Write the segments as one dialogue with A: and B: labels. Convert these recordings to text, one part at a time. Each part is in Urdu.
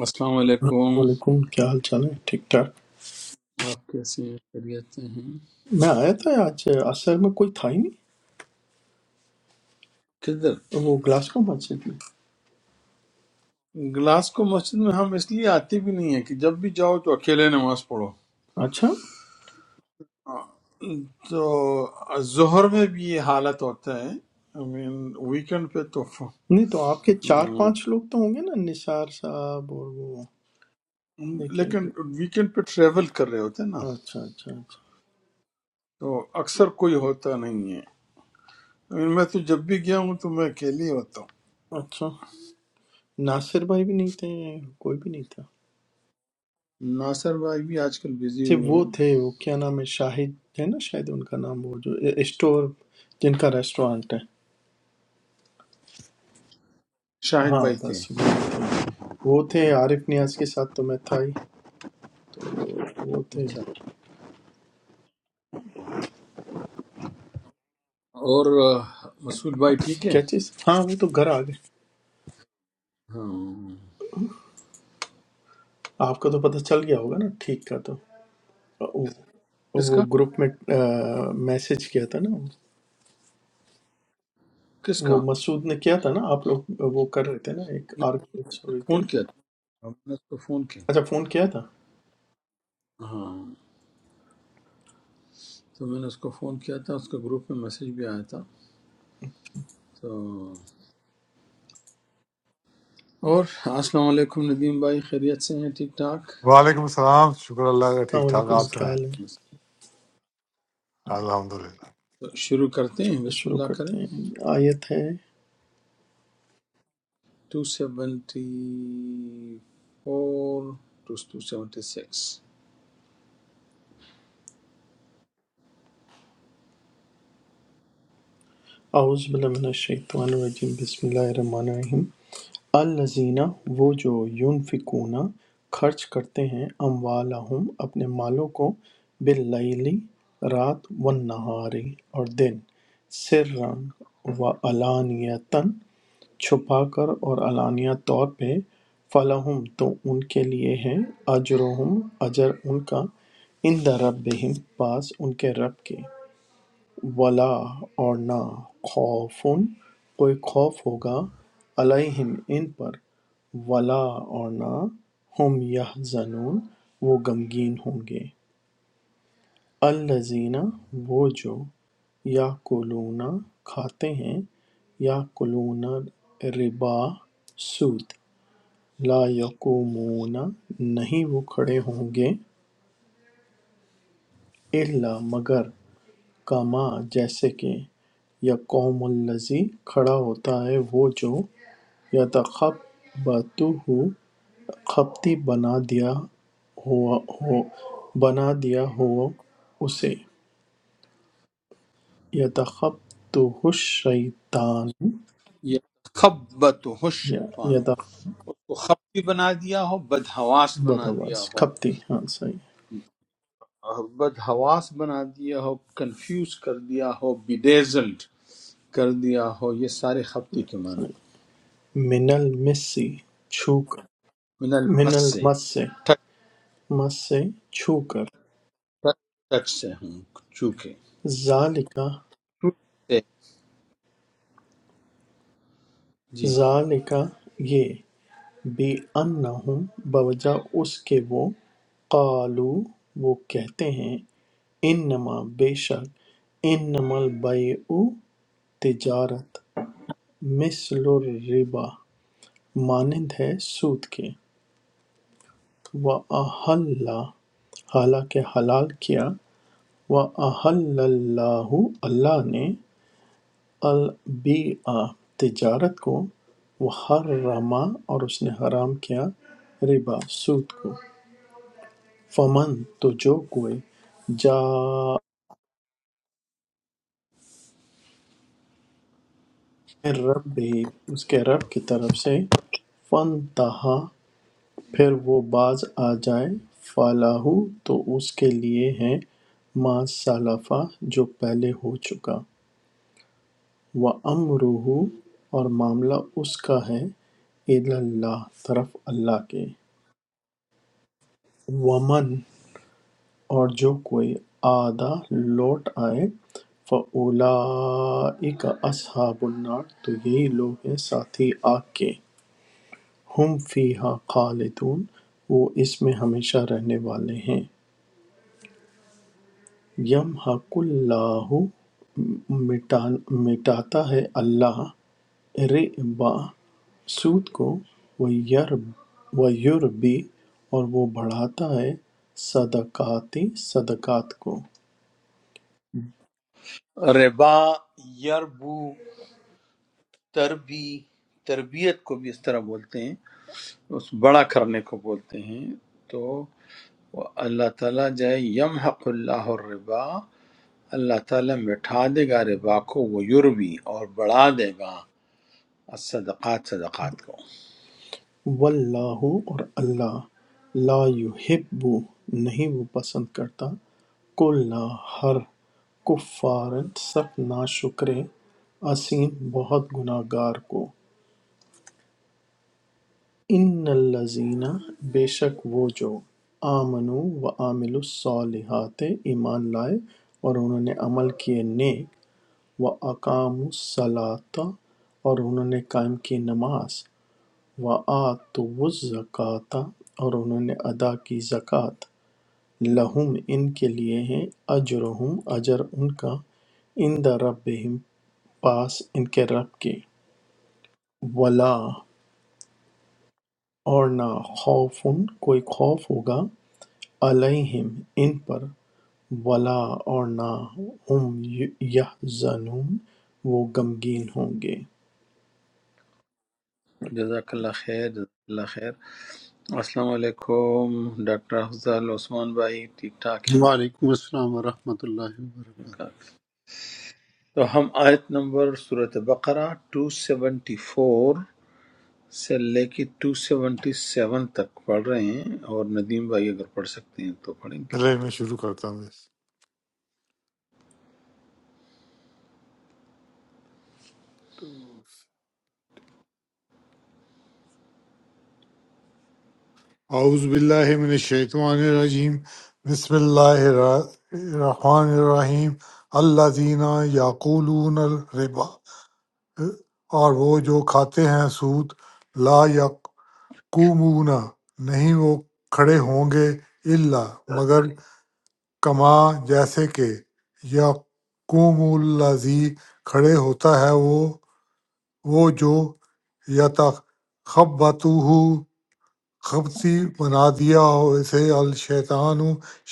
A: السلام علیکم
B: السلام علیکم کیا حال چال ہے ٹھیک ٹھاک
A: آپ کیسے ہیں خیریت سے ہیں
B: میں آیا تھا آج اثر میں کوئی تھا ہی نہیں
A: کدھر
B: وہ گلاسکو مسجد میں
A: گلاس کو مسجد میں ہم اس لیے آتے بھی نہیں ہیں کہ جب بھی جاؤ تو اکیلے نماز پڑھو
B: اچھا
A: تو ظہر میں بھی یہ حالت ہوتا ہے I mean ویکنڈ پہ تو ف-
B: نہیں تو آپ کے چار پانچ لوگ تو ہوں گے نا نثار صاحب اور وہ ایک ان
A: لیکن
B: کے-
A: ویکنڈ پہ ٹریول کر رہے ہوتے ہیں نا
B: اچھا اچھا اچھا
A: تو اکثر کوئی ہوتا نہیں ہے I mean میں تو جب بھی گیا ہوں تو میں اکیلے ہی ہوتا ہوں
B: اچھا ناصر بھائی بھی نہیں تھے کوئی بھی نہیں تھا
A: ناصر بھائی بھی آج کل بزی
B: صرف
A: ہوئے
B: وہ
A: ہیں
B: تھے وہ کیا نام ہے شاہد ہے نا شاید ان کا نام وہ جو اسٹور جن کا ریسٹورانٹ ہے
A: شاہد
B: ہاں
A: بھائی تھے
B: بس وہ تھے وہ تھے عارف نیاز کے ساتھ تو میں تھا ہی وہ تھے
A: اچھا اور آ، مسعود بھائی ٹھیک ہے
B: کیا چیز ہاں وہ تو گھر آ گئے
A: ہاں
B: آپ کو تو پتہ چل گیا ہوگا نا ٹھیک کا تو وہ
A: کس
B: وہ
A: کا
B: گروپ میں میسج کیا تھا نا
A: کس کا
B: وہ مسعود نے کیا تھا نا آپ لوگ وہ کر رہے تھے نا ایک
A: نہیں،
B: آرگومنٹ
A: میں
B: ہو
A: نے
B: رہی تھی
A: فون
B: نا
A: کیا تھا ہاں، میں نے اس کو فون کیا
B: اچھا
A: تھا
B: فون کیا تھا
A: ہاں تو میں نے اس کو فون کیا تھا اس کا گروپ میں میسج بھی آیا تھا تو اور السلام علیکم ندیم بھائی خیریت سے ہیں ٹھیک ٹھاک
C: وعلیکم السلام شکر اللہ کا ٹھیک
B: السلام
C: ٹھاک
B: علیکم
C: آپ
B: کیا
C: سنائیں
B: حال ہے
A: تو
C: الحمد للہ
A: شروع کرتے ہیں بسم
B: شروع
A: اللہ کریں
B: کرتے ہیں آیت ہے
A: two seventy four two two seventy six
B: اعوذ باللہ من الشیطان الرجیم بسم اللہ الرحمن الرحیم الذین وہ جو ینفقون خرچ کرتے ہیں اموالہم اپنے مالوں کو باللیل رات والنہاری اور دن سرًا و علانیتاً چھپا کر اور علانیہ طور پہ فلہم تو ان کے لیے ہے اجرہم اجر ان کا عند ربہم پاس ان کے رب کے ولا اور نہ خوفن کوئی خوف ہوگا علیہم ان پر ولا اور نہ ہم یحزنون وہ غمگین ہوں گے الذین وہ جو یا کھاتے ہیں یا ربا سود لا یقومون نہیں وہ کھڑے ہوں گے الا مگر کا ماں جیسے کہ یقوم الذی کھڑا ہوتا ہے وہ جو یتخبطہ خپتی بنا دیا ہوا ہو بنا دیا ہو اسے یتخبطہ الشیطان
A: یہ خبت ہو
B: یا
A: شیطان
B: یتخبط
A: اس کو خبتی بنا دیا ہو بدہواس بنا دیا
B: بس
A: ہو
B: کھپتی ہاں صحیح
A: بدحواس بنا دیا ہو کنفیوز کر دیا ہو بیڈیزلڈ کر دیا ہو یہ سارے خبطی کے معنی
B: صحیح من المسی چھو کر
A: من
B: من
A: المس سے
B: المس سے
A: ٹچ
B: مس سے چھو کر
A: ٹچ سے ہوں چوکے
B: ذالکا
A: سے جی
B: ذالکا یہ بِأَنَّهُمْ بوجہ اس کے وہ قالوا وہ کہتے ہیں انما بے شک انما البیع تجارت مثل الربا مانند ہے سود کے وَأَحَلَّ حالانکہ حلال کیا وَأَحَلَّ اللَّهُ اللہ نے البیع تجارت کو وحرما اور اس نے حرام کیا ربا سود کو فَمَن تو جو کوئی جاء رب بھی اس کے رب کی طرف سے فن تہا پھر وہ باز آ جائے فلاح تو اس کے لیے ہے ما سلفا جو پہلے ہو چکا وہ امرح اور معاملہ اس کا ہے الی اللہ طرف اللہ کے ومن اور جو کوئی آدھا لوٹ آئے فَأُولَٰئِکَ أَصْحَابُ النَّارِ تو یہی لوگ ہیں ساتھی آگ کے ہم فیہا خالدون وہ اس میں ہمیشہ رہنے والے ہیں یمحق اللہ مٹان مٹاتا ہے اللہ ربا سود کو ویربی اور وہ بڑھاتا ہے صدقاتی صدقات کو
A: ربا یربو تربی تربیت کو بھی اس طرح بولتے ہیں اس بڑا کرنے کو بولتے ہیں تو وہ اللہ تعالیٰ جائے یم حق اللہ الربا اللہ تعالیٰ مٹھا دے گا ربا کو وہ یربی اور بڑھا دے گا الصدقات صدقات کو
B: واللہ اور اللہ لا یحب نہیں وہ پسند کرتا کل ہر کفار سخت ناشکر اسیم بہت گناہ گار کو ان الذین بے شک وہ جو آمنو و عامل الصالحات ایمان لائے اور انہوں نے عمل کیے نیک و اقام الصلاۃ اور انہوں نے قائم کی نماز وَآتُوُا الزَّکَاةَ اور انہوں نے ادا کی زکوٰۃ لَہُم ان کے لیے ہے اجرہم اجر ان کا عند ربہم پاس ان کے رب کے ولا اور نہ خوف کوئی خوف ہوگا علیہم ان پر ولا اور نہ ہم یحزنون وہ غمگین ہوں گے
A: جزاک اللہ خیر جزاک اللہ خیر السلام علیکم ڈاکٹر افضل عثمان بھائی ٹھیک ٹھاک
D: وعلیکم السلام ورحمۃ اللہ وبرکاتہ
A: ہیں تو ہم آیت نمبر صورت بقرہ 274 سے لے کے 277 تک پڑھ رہے ہیں اور ندیم بھائی اگر پڑھ سکتے ہیں تو پڑھیں گے
C: چلے میں شروع کرتا ہوں بس اعوذ باللہ من الشیطان الرجیم بسم اللہ الرحمن الرحیم اللہ دینا یعقولون الربا اور وہ جو کھاتے ہیں سود لا یقومون نہیں وہ کھڑے ہوں گے الا مگر کما جیسے کہ یقوم الذی کھڑے ہوتا ہے وہ وہ جو یتخبطہ خبطی بنا دیا ہو اسے الشیطان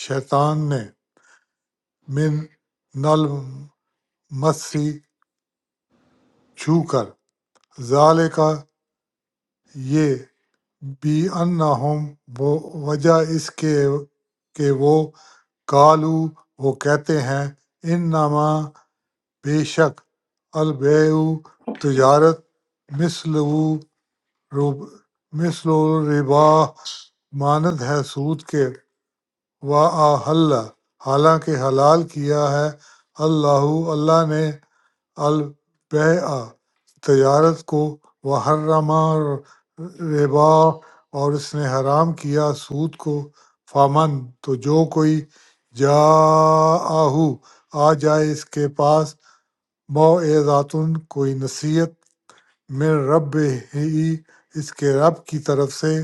C: شیطان نے من نل مسی چھو کر ذالکا یہ بی انہم وجہ اس کے کہ وہ کالو وہ کہتے ہیں انما بے شک البیع تجارت مثل مثل ربا مانند ہے سود کے وَأَحَلَّ حالانکہ حلال کیا ہے اللہ اللہ نے البیع تجارت کو وحرم ربا اور اس نے حرام کیا سود کو فامن تو جو کوئی جا آہو آ جائے اس کے پاس موعظاتن کوئی نصیحت من رب ہی اس کے رب کی طرف سے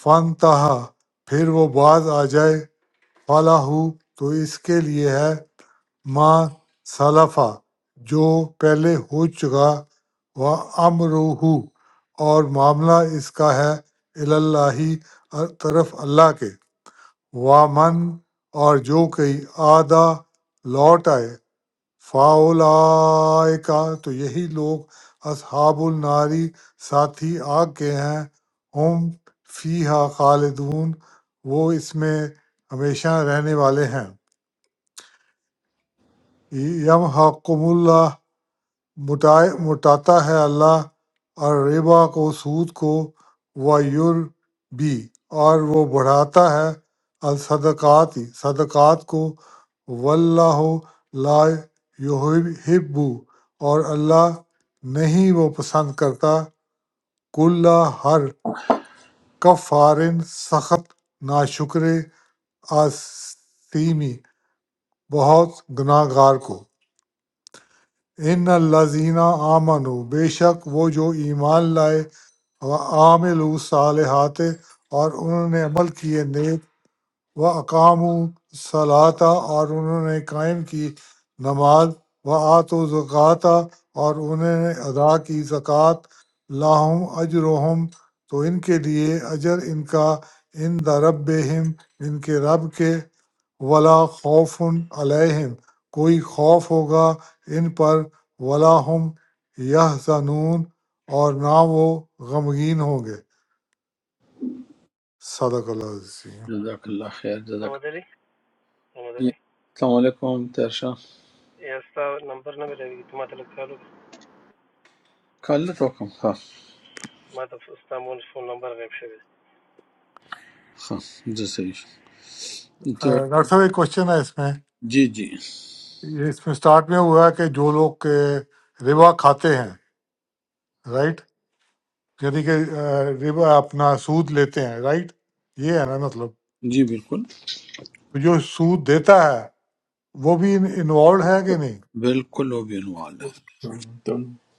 C: فن تہا پھر وہ باز آ جائے فلا ہو تو اس کے لیے ہے ما سلفا جو پہلے ہو چکا و امروہو اور معاملہ اس کا ہے اللہ طرف اللہ کے وامن اور جو کوئی آدھا لوٹ آئے فاولائکا تو یہی لوگ اصحاب الناری ساتھی آگ کے ہیں ہم فیہا خالدون وہ اس میں ہمیشہ رہنے والے ہیں یم حکم مٹاتا ہے اللہ الربا کو سود کو و بھی اور وہ بڑھاتا ہے الصدقات صدقات کو واللہ لا یحب اور اللہ نہیں وہ پسند کرتا کل ہر کفارن سخت ناشکر آسیمی بہت گناہ گار کو ان الزینہ آمنو بے شک وہ جو ایمان لائے وعامل صالحات اور انہوں نے عمل کیے نیک و اقام صلاطہ اور انہوں نے قائم کی نماز و آت و زکاتہ اور انہوں نے ادا کی زکوٰۃ لاہم اجرہم تو ان کے لیے اجر ان کا ان دربہم ان کے رب کے ولا خوف علیہم کوئی خوف ہوگا ان پر ولا ہم یہ اور نہ وہ غمگین ہوں گے صدق اللہ علیہ
A: جزاک اللہ خیر جزاک
E: Muhammad Ali? Muhammad Ali?
A: السلام علیکم تیرشاہ
E: Yes, the number number. You to matlab kalo.
A: کالت وکم ہاں
E: Matlab ustamon phone number gaib
A: ہاں جی صحیح تو
C: ڈاکٹر صاحب ایک کوشچن ہے اس میں
A: جی جی
C: یہ اس میں سٹارٹ میں ہوا ہے کہ جو لوگ اے، ربا کھاتے ہیں رائٹ یعنی کہ اے، ربا اپنا سود لیتے ہیں رائٹ یہ ہے نا مطلب
A: جی بالکل
C: تو جو سود دیتا ہے وہ بھی انوالوڈ ہے کہ نہیں
A: بالکل وہ بھی عنوان ہے
B: تو اچھا،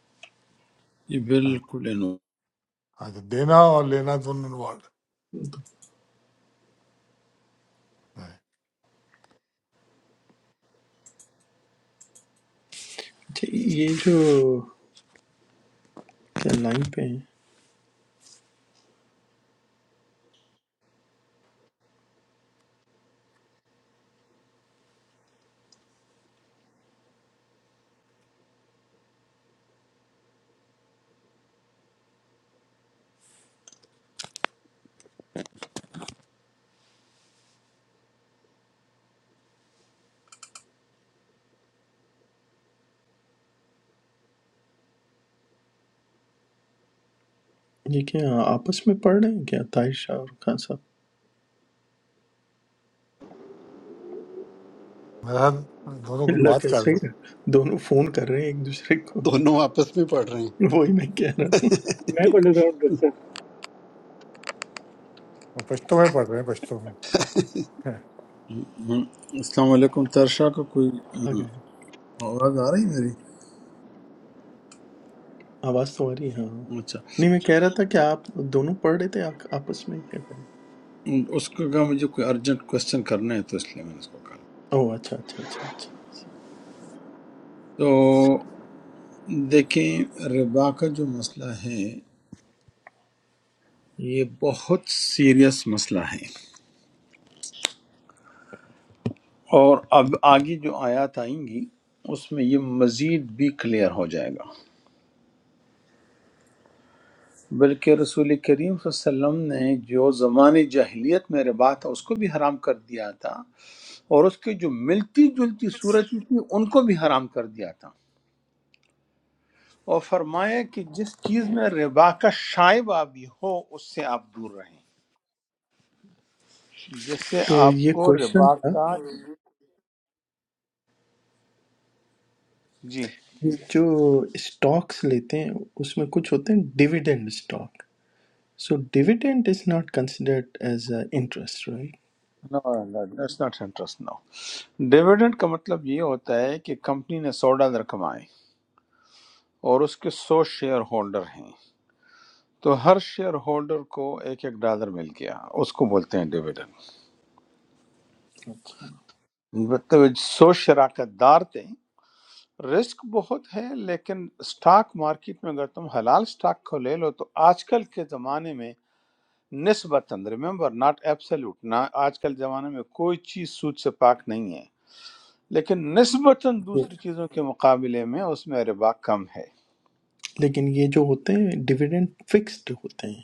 A: یہ بالکل انو-
C: اچھا دینا اور لینا دونوں انوالوڈ ہے
B: یہ جو کیا لائن پہ ہیں یہ کیا آپس میں پڑھ رہے ہیں کیا طاہر شاہ اور خان صاحب
C: میرا خیال دونوں کو
B: اللہ
C: بات کر
B: کیسے
C: رہی
B: ہی
C: ہیں
B: رہا- دونوں فون کر رہے ہیں ایک دوسرے کو
D: دونوں آپس میں پڑھ رہے ہیں
B: وہی میں کہہ رہا ہوں
F: میں پڑھ لیتا ہوں ڈاکٹر صاحب
C: وہ پشتوں میں پڑھ رہے ہیں پشتوں میں
A: ہم- السلام علیکم ترشا کا کوئی
B: آگے
A: ہاں، آواز آ رہی ہے میری
B: آواز تو آ رہی ہے ہاں
A: اچھا
B: نہیں میں کہہ رہا تھا کہ آپ دونوں پڑھ رہے تھے آ- آپس میں کیا کریں
A: اس کو کہا مجھے کوئی ارجنٹ کوشچن کرنا ہے تو اس لیے میں نے اس کو کہا
B: او اچھا اچھا اچھا اچھا
A: تو دیکھیں ربا کا جو مسئلہ ہے یہ بہت سیریس مسئلہ ہے اور اب آگے جو آیات آئیں گی اس میں یہ مزید بھی کلیئر ہو جائے گا بلکہ رسول کریم صلی اللہ علیہ وسلم نے جو زمانے جاہلیت میں ربا تھا اس کو بھی حرام کر دیا تھا اور اس کی جو ملتی جلتی صورتیں تھیں ان کو بھی حرام کر دیا تھا اور فرمایا کہ جس چیز میں ربا کا شائبہ بھی ہو اس سے آپ دور رہیں جس سے
B: تو
A: آپ
B: یہ
A: کو
B: کوشچن
A: ربا
B: تھا
A: کا جی
B: یہ جو اسٹاکس لیتے ہیں اس میں کچھ ہوتے ہیں dividend stock so dividend is not considered as interest right
A: no that's not interest no dividend کا مطلب یہ ہوتا ہے کہ کمپنی نے سو ڈالر کمائے اور اس کے سو شیئر ہولڈر ہیں تو ہر شیئر ہولڈر کو ایک ایک ڈالر مل گیا اس کو بولتے ہیں ڈیویڈنڈ
B: اچھا
A: مطلب سو شراکت دار تھے رسک بہت ہے لیکن سٹاک مارکیٹ میں اگر تم حلال سٹاک کو لے لو تو آج کل کے زمانے میں نسبتاً ریمبر ناٹ ایبسلوٹ نہ آج کل زمانے میں کوئی چیز سود سے پاک نہیں ہے لیکن نسبتاً دوسری چیزوں کے مقابلے میں اس میں ربا کم ہے
B: لیکن یہ جو ہوتے ہیں ڈیویڈینڈ فکسڈ ہوتے ہیں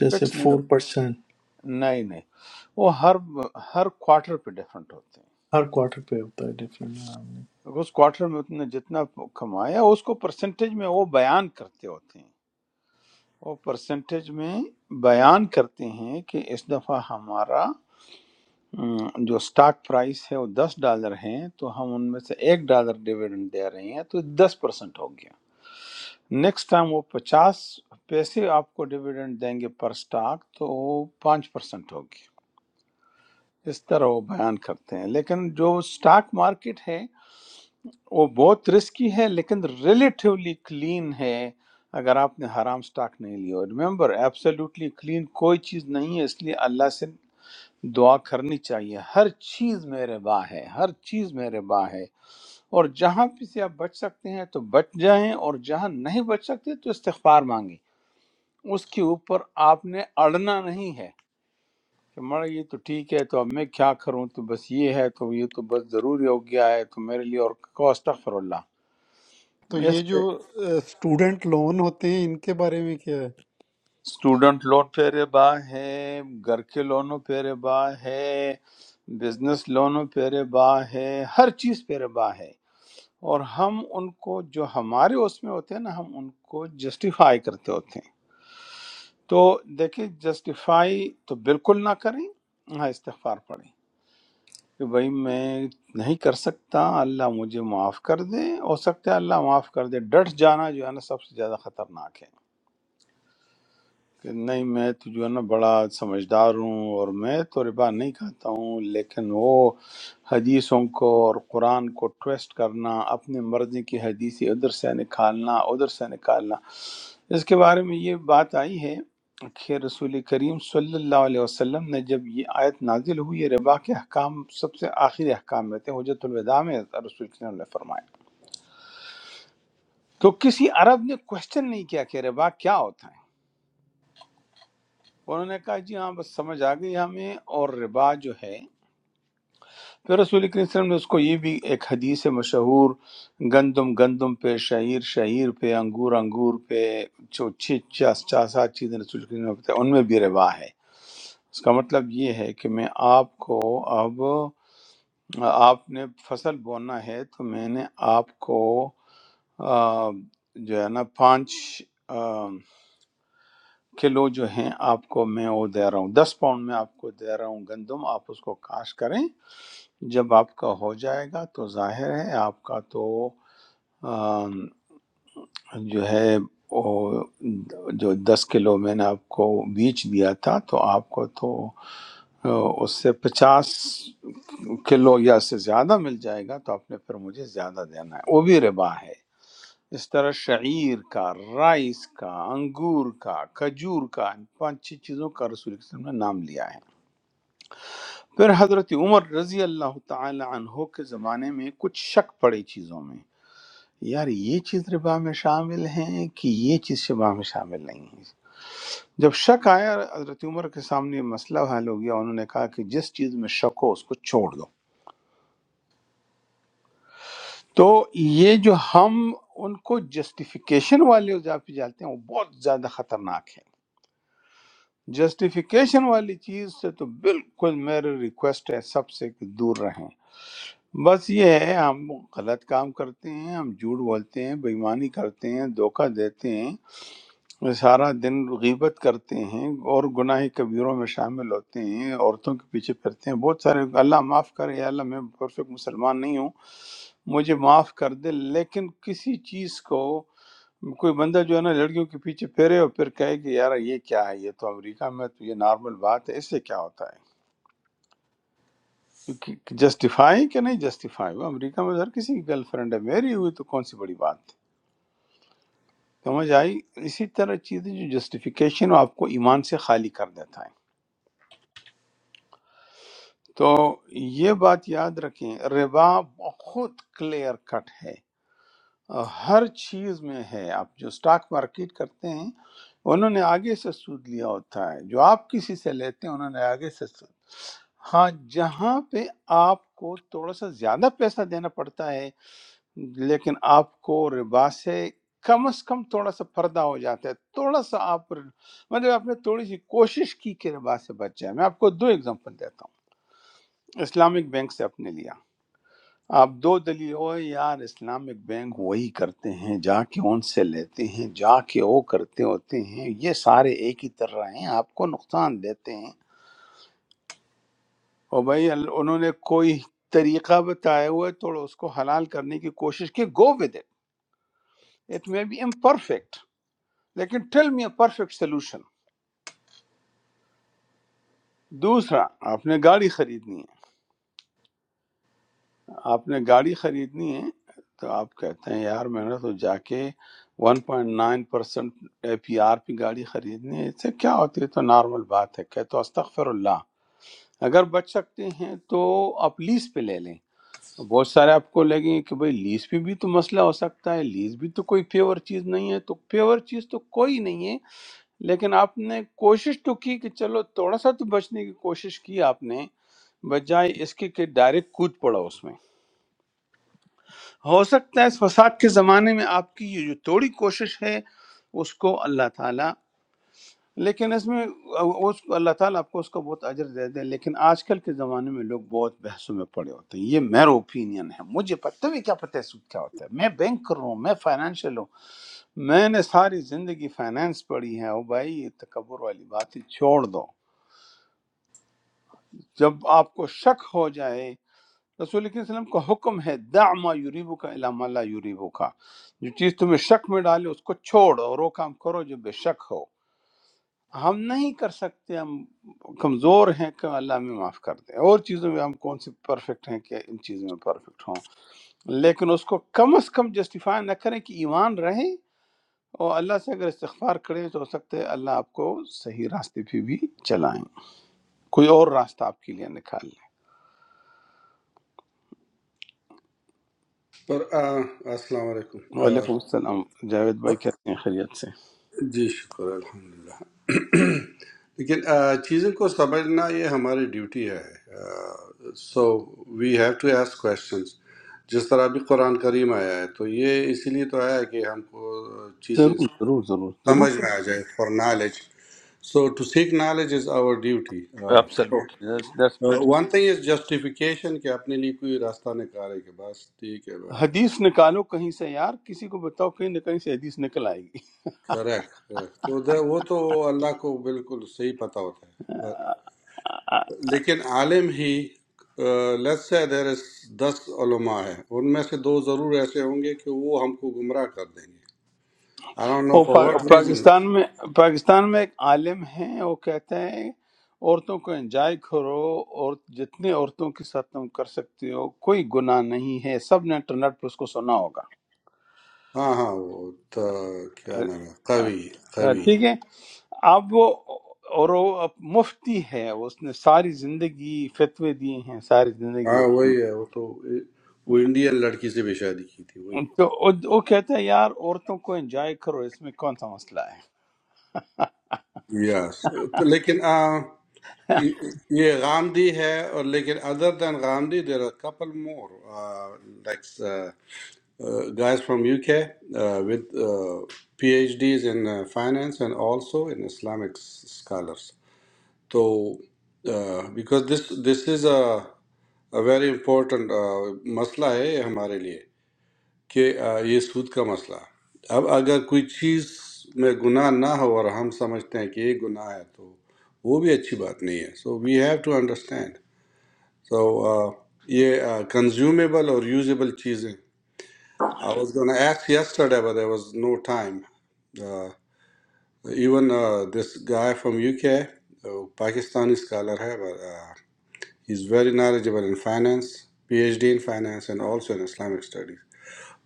B: جیسے
A: فکس نہیں
B: فور
A: ہوتا
B: پرسینٹ
A: نہیں نہیں وہ ہر ہر کوارٹر پہ ڈیفرنٹ ہوتے
B: ہر کوارٹر پہ ہوتا ہے ڈفرینٹ
A: ہیں اس کوارٹر میں تم نے جتنا کمایا اس کو پرسنٹیج میں وہ بیان کرتے ہوتے ہیں وہ پرسنٹیج میں بیان کرتے ہیں کہ اس دفعہ ہمارا ام، جو سٹاک پرائس ہے وہ دس ڈالر ہیں تو ہم ان میں سے ایک ڈالر ڈیویڈنڈ دے رہے ہیں تو دس پرسنٹ ہو گیا نیکسٹ ٹائم وہ پچاس پیسے آپ کو ڈیویڈنڈ دیں گے پر سٹاک تو وہ پانچ پرسنٹ ہوگی اس طرح وہ بیان کرتے ہیں لیکن جو سٹاک مارکیٹ ہے وہ بہت رسکی ہے لیکن ریلیٹیولی کلین ہے اگر آپ نے حرام سٹاک نہیں لیا ریمبر ایبسلیوٹلی کلین کوئی چیز نہیں ہے اس لیے اللہ سے دعا کرنی چاہیے ہر چیز میں ربا ہے ہر چیز میں ربا ہے اور جہاں بھی سے آپ بچ سکتے ہیں تو بچ جائیں اور جہاں نہیں بچ سکتے تو استغفار مانگیں اس کے اوپر آپ نے اڑنا نہیں ہے کہ مڑ یہ تو ٹھیک ہے تو اب میں کیا کروں تو بس یہ ہے تو یہ تو بس ضروری ہو گیا ہے تو میرے لیے اور کو استغفر اللہ
D: تو یہ
A: اس
D: جو اسٹوڈنٹ لون ہوتے ہیں ان کے بارے میں کیا ہے
A: اسٹوڈنٹ لون پہ ربا ہے گھر کے لونوں پہ ربا ہے بزنس لونوں پہ ربا ہے ہر چیز پہ ربا ہے اور ہم ان کو جو ہمارے اس میں ہوتے ہیں نا ہم ان کو جسٹیفائی کرتے ہوتے ہیں تو دیکھیں جسٹیفائی تو بالکل نہ کریں ہاں استغفار پڑھیں کہ بھائی میں نہیں کر سکتا اللہ مجھے معاف کر دے ہو سکتا ہے اللہ معاف کر دے ڈٹ جانا جو ہے نا سب سے زیادہ خطرناک ہے کہ نہیں میں تو جو ہے نا بڑا سمجھدار ہوں اور میں تو ربا نہیں کھاتا ہوں لیکن وہ حدیثوں کو اور قرآن کو ٹویسٹ کرنا اپنی مرضی کی حدیثی ادھر سے نکالنا ادھر سے نکالنا اس کے بارے میں یہ بات آئی ہے کہ رسول کریم صلی اللہ علیہ وسلم نے جب یہ آیت نازل ہوئی یہ ربا کے احکام سب سے آخری احکام میں تھے حجت الوداع میں رسول کریم نے فرمایا تو کسی عرب نے کوشچن نہیں کیا کہ ربا کیا ہوتا ہے انہوں نے کہا جی ہاں بس سمجھ آ گئی ہمیں اور ربا جو ہے پھر رسول کریم صلی اللہ علیہ وسلم نے اس کو یہ بھی ایک حدیث مشہور گندم گندم پہ شعیر شعیر پہ انگور انگور پہ جو چھ چھ- چھ- سات چیزیں رسول کریم نے بتائی ان میں بھی ربا ہے اس کا مطلب یہ ہے کہ میں آپ کو اب آپ نے فصل بونا ہے تو میں نے آپ کو آ، جو ہے نا پانچ کلو جو ہیں آپ کو میں وہ دے رہا ہوں دس پاؤنڈ میں آپ کو دے رہا ہوں گندم آپ اس کو کاش کریں جب آپ کا ہو جائے گا تو ظاہر ہے آپ کا تو آم، جو ہے وہ جو دس کلو میں نے آپ کو بیچ دیا تھا تو آپ کو تو آ، اس سے پچاس کلو یا اس سے زیادہ مل جائے گا تو آپ نے پھر مجھے زیادہ دینا ہے وہ بھی ربا ہے اس طرح شعیر کا رائس کا انگور کا کھجور کا ان پانچ چھ چیزوں کا رسول اللہ صلی اللہ علیہ وسلم نے نام لیا ہے پھر حضرت عمر رضی اللہ تعالی عنہ کے زمانے میں کچھ شک پڑے چیزوں میں یار یہ چیز ربا میں شامل ہیں کہ یہ چیز شبا میں شامل نہیں ہے جب شک آیا حضرت عمر کے سامنے یہ مسئلہ حل ہو گیا انہوں نے کہا کہ جس چیز میں شک ہو اس کو چھوڑ دو تو یہ جو ہم ان کو جسٹیفیکیشن والے جا پہ جاتے ہیں وہ بہت زیادہ خطرناک ہے۔ جسٹیفیکیشن والی چیز سے تو بالکل میری ریکویسٹ ہے سب سے کہ دور رہیں بس یہ ہے ہم غلط کام کرتے ہیں ہم جھوٹ بولتے ہیں بےایمانی کرتے ہیں دھوکہ دیتے ہیں سارا دن غیبت کرتے ہیں اور گناہ کبیروں میں شامل ہوتے ہیں عورتوں کے پیچھے پھرتے ہیں بہت سارے اللہ معاف کرے یا اللہ میں پرفیکٹ مسلمان نہیں ہوں مجھے معاف کر دے لیکن کسی چیز کو کوئی بندہ جو ہے نا لڑکیوں کے پیچھے پھیرے اور پھر کہے کہ یار یہ کیا ہے یہ تو امریکہ میں تو یہ نارمل بات ہے اس سے کیا ہوتا ہے جسٹیفائی کہ نہیں جسٹیفائی وہ امریکہ میں ہر کسی کی گرل فرینڈ ہے میری ہوئی تو کون سی بڑی بات ہے سمجھ آئی اسی طرح چیزیں جو جسٹیفیکیشن آپ کو ایمان سے خالی کر دیتا ہے تو یہ بات یاد رکھیں ربا بہت کلیئر کٹ ہے ہر چیز میں ہے آپ جو سٹاک مارکیٹ کرتے ہیں انہوں نے آگے سے سود لیا ہوتا ہے جو آپ کسی سے لیتے ہیں انہوں نے آگے سے سود ہاں جہاں پہ آپ کو تھوڑا سا زیادہ پیسہ دینا پڑتا ہے لیکن آپ کو ربا سے کم از کم تھوڑا سا پردہ ہو جاتا ہے تھوڑا سا آپ مطلب آپ نے تھوڑی سی کوشش کی کہ ربا سے بچ جائے میں آپ کو دو ایگزامپل دیتا ہوں اسلامک بینک سے آپ نے لیا آپ دو دلیل ہوئے یار اسلامک بینک وہی کرتے ہیں جا کے ان سے لیتے ہیں جا کے وہ کرتے ہوتے ہیں یہ سارے ایک ہی طرح ہیں آپ کو نقصان دیتے ہیں اور بھائی ال- انہوں نے کوئی طریقہ بتایا ہوا ہے تو اس کو حلال کرنے کی کوشش کی go with it it may be imperfect لیکن tell me a perfect solution دوسرا آپ نے گاڑی خریدنی ہے آپ نے گاڑی خریدنی ہے تو آپ کہتے ہیں یار میں نے تو جا کے one point nine percent A P R پہ گاڑی خریدنی ہے اس سے کیا ہوتی ہے تو نارمل بات ہے کہ تو استغفر اللہ اگر بچ سکتے ہیں تو آپ لیز پہ لے لیں بہت سارے آپ کو لگیں گے کہ بھئی لیز پہ بھی تو مسئلہ ہو سکتا ہے لیز بھی تو کوئی پیور چیز نہیں ہے تو پیور چیز تو کوئی نہیں ہے لیکن آپ نے کوشش تو کی کہ چلو تھوڑا سا تو بچنے کی کوشش کی آپ نے بجائے اس کے کہ ڈائریکٹ کود پڑا اس میں ہو سکتا ہے اس فساد کے زمانے میں آپ کی یہ جو تھوڑی کوشش ہے اس کو اللہ تعالیٰ لیکن اس میں اس کو اللہ تعالیٰ آپ کو اس کا بہت اجر دے دے لیکن آج کل کے زمانے میں لوگ بہت بحثوں میں پڑے ہوتے ہیں یہ میرا اوپینین ہے مجھے پتہ بھی کیا پتہ ہے سود کیا ہوتا ہے میں بینکر ہوں میں فائنینشیل ہوں میں نے ساری زندگی فائنینس پڑھی ہے او بھائی یہ تکبر والی بات ہے چھوڑ دو جب آپ کو شک ہو جائے رسول کے وسلم کا حکم ہے دع ما یوریبو کا علامہ لا یوریبو کا جو چیز تمہیں شک میں ڈالے اس کو چھوڑ اور وہ کام کرو جو بے شک ہو ہم نہیں کر سکتے ہم کمزور ہیں کہ اللہ ہمیں معاف کر دے اور چیزوں میں ہم کون سے پرفیکٹ ہیں کہ ان چیزوں میں پرفیکٹ ہوں لیکن اس کو کم از کم جسٹیفائی نہ کریں کہ ایمان رہے اور اللہ سے اگر استغفار کریں تو ہو سکتا ہے اللہ آپ کو صحیح راستے پہ بھی چلائیں کوئی اور راستہ آپ کے لیے نکال لیں
G: پر آ، السلام علیکم آ،
A: وعلیکم السلام جاوید بھائی کہتے ہیں خیریت سے
G: جی شکر الحمدللہ لیکن آ، چیزوں کو سمجھنا یہ ہماری ڈیوٹی ہے so we have to ask questions جس طرح بھی قرآن کریم آیا ہے تو یہ اسی لیے تو آیا ہے کہ ہم کو چیزیں
A: ضرور ضرور ضرور ضرور
G: سمجھ میں آ جائے for knowledge so to seek knowledge is our duty
A: Absolutely. That's, that's pretty.
G: One thing is justification کہ اپنے لیے کوئی راستہ نکالے کہ بس ٹھیک ہے
A: حدیث نکالو کہیں سے یار کسی کو بتاؤ کہیں نہ کہیں سے حدیث نکل آئے گی
G: کریکٹ کریکٹ تو دا- وہ تو اللہ کو بالکل صحیح پتہ ہوتا ہے بس۔
A: آ،
G: لیکن عالم ہی لیٹ سے دیر از دس علماء ہیں ان میں سے دو ضرور ایسے ہوں گے کہ وہ ہم کو گمراہ کر دیں گے آئی ڈونٹ نو
A: وہ
G: فار واٹ
A: پا-
G: ریزن
A: پاکستان میں پاکستان میں ایک عالم ہیں وہ کہتا ہے عورتوں کو انجوائے کرو اور جتنے عورتوں کے ساتھ تم کر سکتے ہو کوئی گناہ نہیں ہے سب نے انٹرنیٹ پر اس کو سنا ہوگا
G: ہاں ہاں وہ تو کیا نام ہے قوی
A: اہ،
G: قوی
A: ٹھیک ہے آپ وہ اور وہ اب مفتی ہے اس نے ساری زندگی فتوے دیے ہیں ساری
G: ہاں
A: زندگی
G: وہی ہے وہ تو وہ انڈین لڑکی سے بھی شادی کی تھی وہی
A: تو وہ وہ کہتا ہے یار عورتوں کو انجوائے کرو اس میں کون سا مسئلہ ہے
G: یس لیکن یہ غامدی ہے اور لیکن other than Ghamidi there are couple more like guys from U K with P H Ds in finance and also in Islamic scholars تو because this this is a very important مسئلہ ہے یہ ہمارے لیے کہ uh, یہ سود کا مسئلہ اب اگر کوئی چیز میں گناہ نہ ہو اور ہم سمجھتے ہیں کہ یہ گناہ ہے تو وہ بھی اچھی بات نہیں ہے so we have to understand So, uh, یہ کنزیومیبل اور یوزیبل چیزیں I was going to ask yesterday but there was no time. Uh, even uh, this guy from UK, uh, Pakistani scholar ہے but uh, he's very knowledgeable in finance, PhD in finance and also in Islamic studies.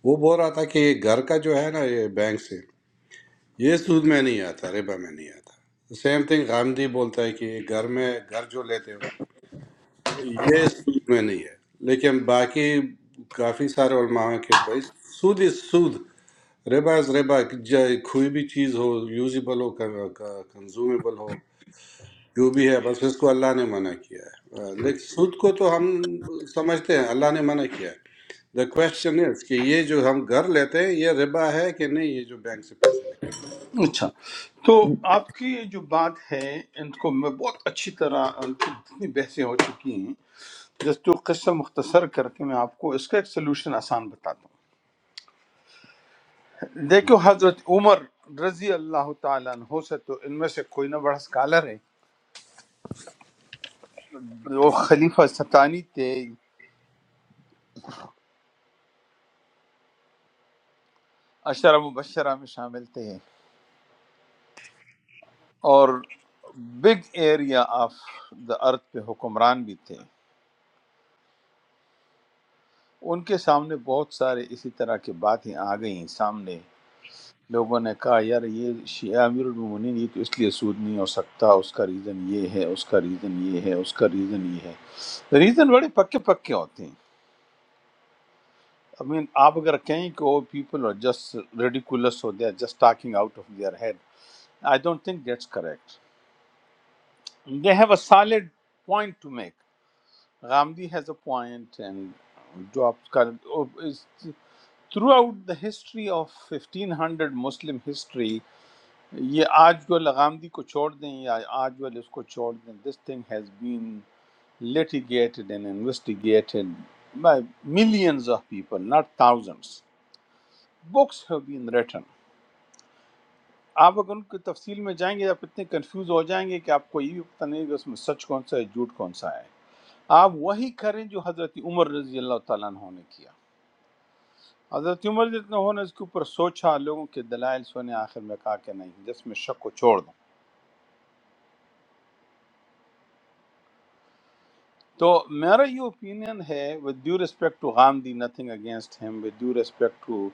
G: وہ بول رہا تھا کہ یہ گھر کا جو ہے نا یہ بینک سے یہ سود میں نہیں آتا ربا میں نہیں آتا سیم تھنگ غامدی بولتا ہے کہ یہ گھر میں گھر جو لیتے ہو یہ سود میں نہیں ہے لیکن باقی کافی سارے علماء ہیں کہ بھائی سود از سود ربا از ربا جائے کوئی بھی چیز ہو یوزیبل ہو کنزومیبل ہو جو بھی ہے بس اس کو اللہ نے منع کیا ہے لیکن سود کو تو ہم سمجھتے ہیں اللہ نے منع کیا ہے دا کوشچن از کہ یہ جو ہم گھر لیتے ہیں یہ ربا ہے کہ نہیں یہ جو بینک سے پیسے لیتے
A: اچھا تو آپ کی یہ جو بات ہے ان کو میں بہت اچھی طرح ان کی اتنی بحثیں ہو چکی ہیں جس تو قصہ مختصر کر کے میں آپ کو اس کا ایک سلوشن آسان بتاتا ہوں دیکھو حضرت عمر رضی اللہ تعالیٰ عنہ سے تو ان میں سے کوئی نہ بڑا اسکالر ہے وہ خلیفہ ستانی تھے اشرم مبشرہ میں شامل تھے اور big area of the earth پہ حکمران بھی تھے ان کے سامنے بہت سارے اسی طرح کی باتیں آ گئیں سامنے لوگوں نے کہا یار یہ شیعہ امیر المومنین یہ تو اس لیے سود نہیں ہو سکتا اس کا ریزن یہ ہے اس کا ریزن یہ ہے اس کا ریزن یہ ہے ریزن بڑے پکے پکے ہوتے ہیں I mean, آپ اگر کہیں کہ وہ پیپل are جسٹ ridiculous ہو they are just talking out of their head I don't think that's correct they have a solid point to make Gandhi has a point, and Jobs current oh, is throughout the history of 1500 Muslim history. یہ آج گل غامدی کو چھوڑ دیں یا آج گل اس کو چھوڑ دیں this thing has been litigated and investigated by millions of people not thousands books have been written آپ اگر ان کی تفصیل میں جائیں گے آپ اتنے کنفیوز ہو جائیں گے کہ آپ کو یہ بھی پتہ نہیں کہ اس میں سچ کون سا ہے جھوٹ کون سا ہے آپ وہی کریں جو حضرت عمر رضی اللہ تعالیٰ عنہ نے کیا حضرت عمر جتنا ہونا اس کے اوپر سوچا لوگوں کے دلائل سونے آخر میں کہا کہ نہیں جس میں شک کو چھوڑ دو تو میرا یہ اوپینین ہے with due respect to Ghamidi nothing against him with due respect to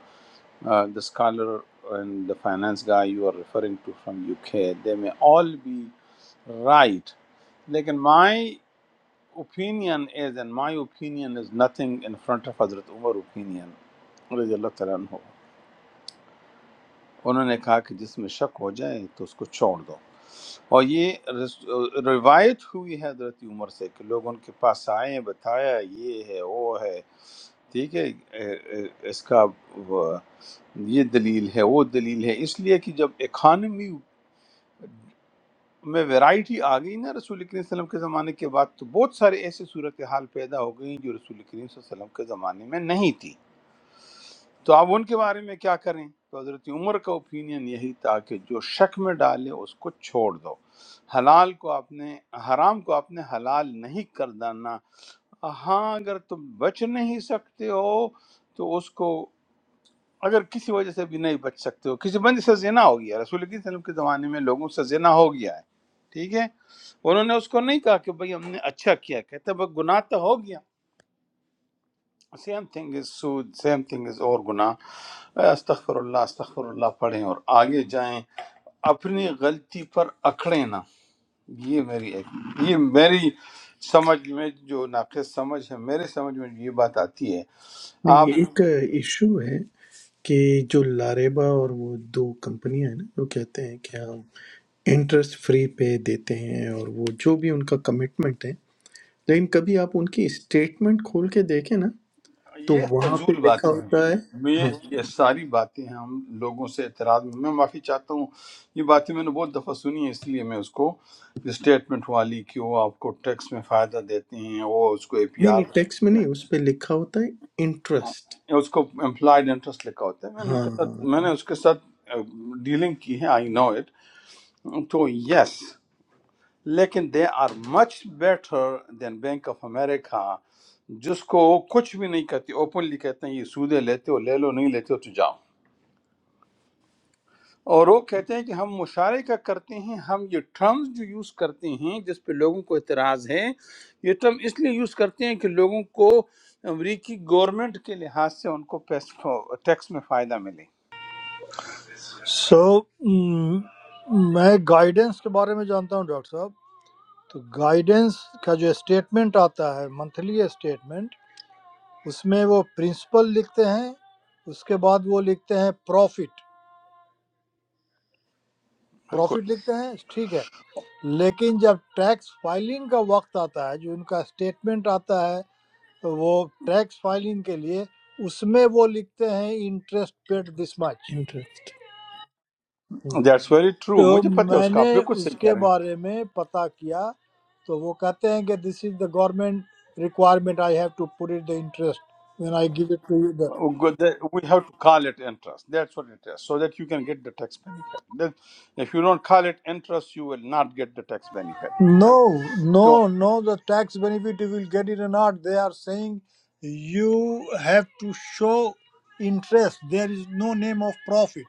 A: the scholar and the finance guy you are referring to from UK, they may all be right. Like in my opinion is, and my opinion is nothing in front of Hazrat Umar opinion, رضی اللہ تعالیٰ عنہ. انہوں نے کہا کہ جس میں شک ہو جائے تو اس کو چھوڑ دو اور یہ رس- روایت ہوئی ہے حضرت عمر سے کہ لوگ ان کے پاس آئے بتایا یہ ہے وہ ہے ٹھیک ہے اے- اے- اس کا وہ- یہ دلیل ہے وہ دلیل ہے اس لیے کہ جب اکانومی میں ویرائٹی آ گئی نا رسول کریم صلی اللہ علیہ وسلم کے زمانے کے بعد تو بہت سارے ایسے صورتحال پیدا ہو گئی جو رسول کریم صلی اللہ علیہ وسلم کے زمانے میں نہیں تھی تو اب ان کے بارے میں کیا کریں تو حضرت عمر کا اوپینین یہی تھا کہ جو شک میں ڈالے اس کو چھوڑ دو حلال کو آپ نے حرام کو آپ نے حلال نہیں کر ڈالنا ہاں اگر تم بچ نہیں سکتے ہو تو اس کو اگر کسی وجہ سے بھی نہیں بچ سکتے ہو کسی بندے سے زنا ہو گیا رسول اکرم صلی اللہ علیہ وسلم کے زمانے میں لوگوں سے زنا ہو گیا ہے ٹھیک ہے انہوں نے اس کو نہیں کہا کہ بھئی ہم نے اچھا کیا کہتے ہیں، بس گناہ تو ہو گیا سیم تھنگ از سود سیم تھنگ از اور گناہ اے استغفر اللہ استغفر اللہ پڑھیں اور آگے جائیں اپنی غلطی پر اکڑیں نہ یہ میری ایک یہ میری سمجھ میں جو ناقص سمجھ ہے میرے سمجھ میں یہ بات آتی ہے
B: نہیں،
A: آپ
B: یہ ایک ایشو ہے کہ جو لاریبا اور وہ دو کمپنیاں ہیں نا جو کہتے ہیں کہ ہم انٹرسٹ فری پہ دیتے ہیں اور وہ جو بھی ان کا کمٹمنٹ ہے لیکن کبھی آپ ان کی اسٹیٹمنٹ کھول کے دیکھیں نا تو
A: یہ
B: وہاں پہ
A: فضول
B: لکھا
A: باتیں ہیں
B: ہوتا ہے
A: میں
B: ہاں
A: یہ ساری باتیں ہیں ہم لوگوں سے اعتراض میں میں معافی چاہتا ہوں یہ باتیں میں نے بہت دفعہ سنی ہیں اس لیے میں اس کو اسٹیٹمنٹ والی کہ وہ آپ کو ٹیکس میں فائدہ دیتے ہیں وہ اس کو اے پی
B: نہیں نہیں
A: آر
B: ٹیکس میں نہیں اس پہ لکھا ہوتا ہے انٹرسٹ
A: اس کو امپلائڈ انٹرسٹ لکھا ہوتا ہے میں نے اس
B: ہاں
A: کے ساتھ
B: ہاں
A: میں نے اس کے ساتھ ڈیلنگ کی ہے آئی نو اٹ تو یس لیکن they are much better than Bank of America جس کو کچھ بھی نہیں کہتی اوپنلی کہتے ہیں یہ سودے لیتے ہو لے لو نہیں لیتے ہو تو جاؤ اور وہ کہتے ہیں کہ ہم مشارے کا کرتے ہیں ہم یہ ٹرمز جو یوز کرتے ہیں جس پہ لوگوں کو اعتراض ہے یہ ٹرم اس لیے یوز کرتے ہیں کہ لوگوں کو امریکی گورنمنٹ کے لحاظ سے ان کو ٹیکس میں فائدہ ملے
H: So, I guidance के बारे में जानता हूँ डॉक्टर साहब. तो guidance का जो statement आता है, monthly statement, उसमें वो principal लिखते हैं. उसके बाद वो लिखते हैं profit. Profit
A: بالکل
H: लिखते हैं, ठीक है. लेकिन जब tax filing का वक्त आता है, जो उनका statement आता है, तो वो tax filing के लिए, उसमें वो लिखते हैं interest paid this much.
B: Interest ہاں،
A: دیٹس ویری ٹرو
H: So
A: مجھے پتہ ہے
H: I
A: اس
H: have
A: کا آپ بالکل
H: asked
A: صحیح
H: him
A: کہہ رہے ہیں
H: about it. So he says, "This is the government requirement. I have to put in the interest when I give it to you."
A: We have to call it interest that's what it is so that you can get the tax benefit if you don't call it interest you will not get the tax benefit
H: No,
A: تو
H: no, no. The tax benefit you will get it or not? They are saying you have to show interest. There is no name of profit.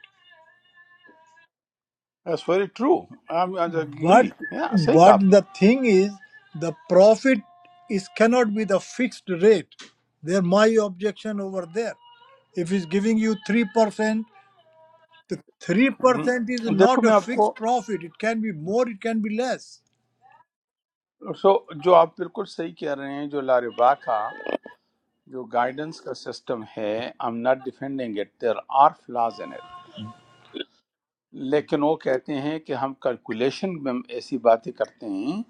A: That's very true I
H: But
A: agree یا صحیح کہا
H: but
A: آپ نے
H: the thing is, the profit is cannot be the fixed rate. There, my objection over there. If it's giving you three percent, the three
A: ہم،
H: percent is
A: دیکھو
H: not a
A: میں آپ کو
H: fixed profit. It can be more, it can be less.
A: سو جو آپ بالکل صحیح کہہ رہے ہیں جو لاربا کا جو گائیڈنس کا سسٹم ہے I am not defending it there are flaws لیکن وہ کہتے ہیں کہ ہم کیلکولیشن میں ہم ایسی باتیں کرتے ہیں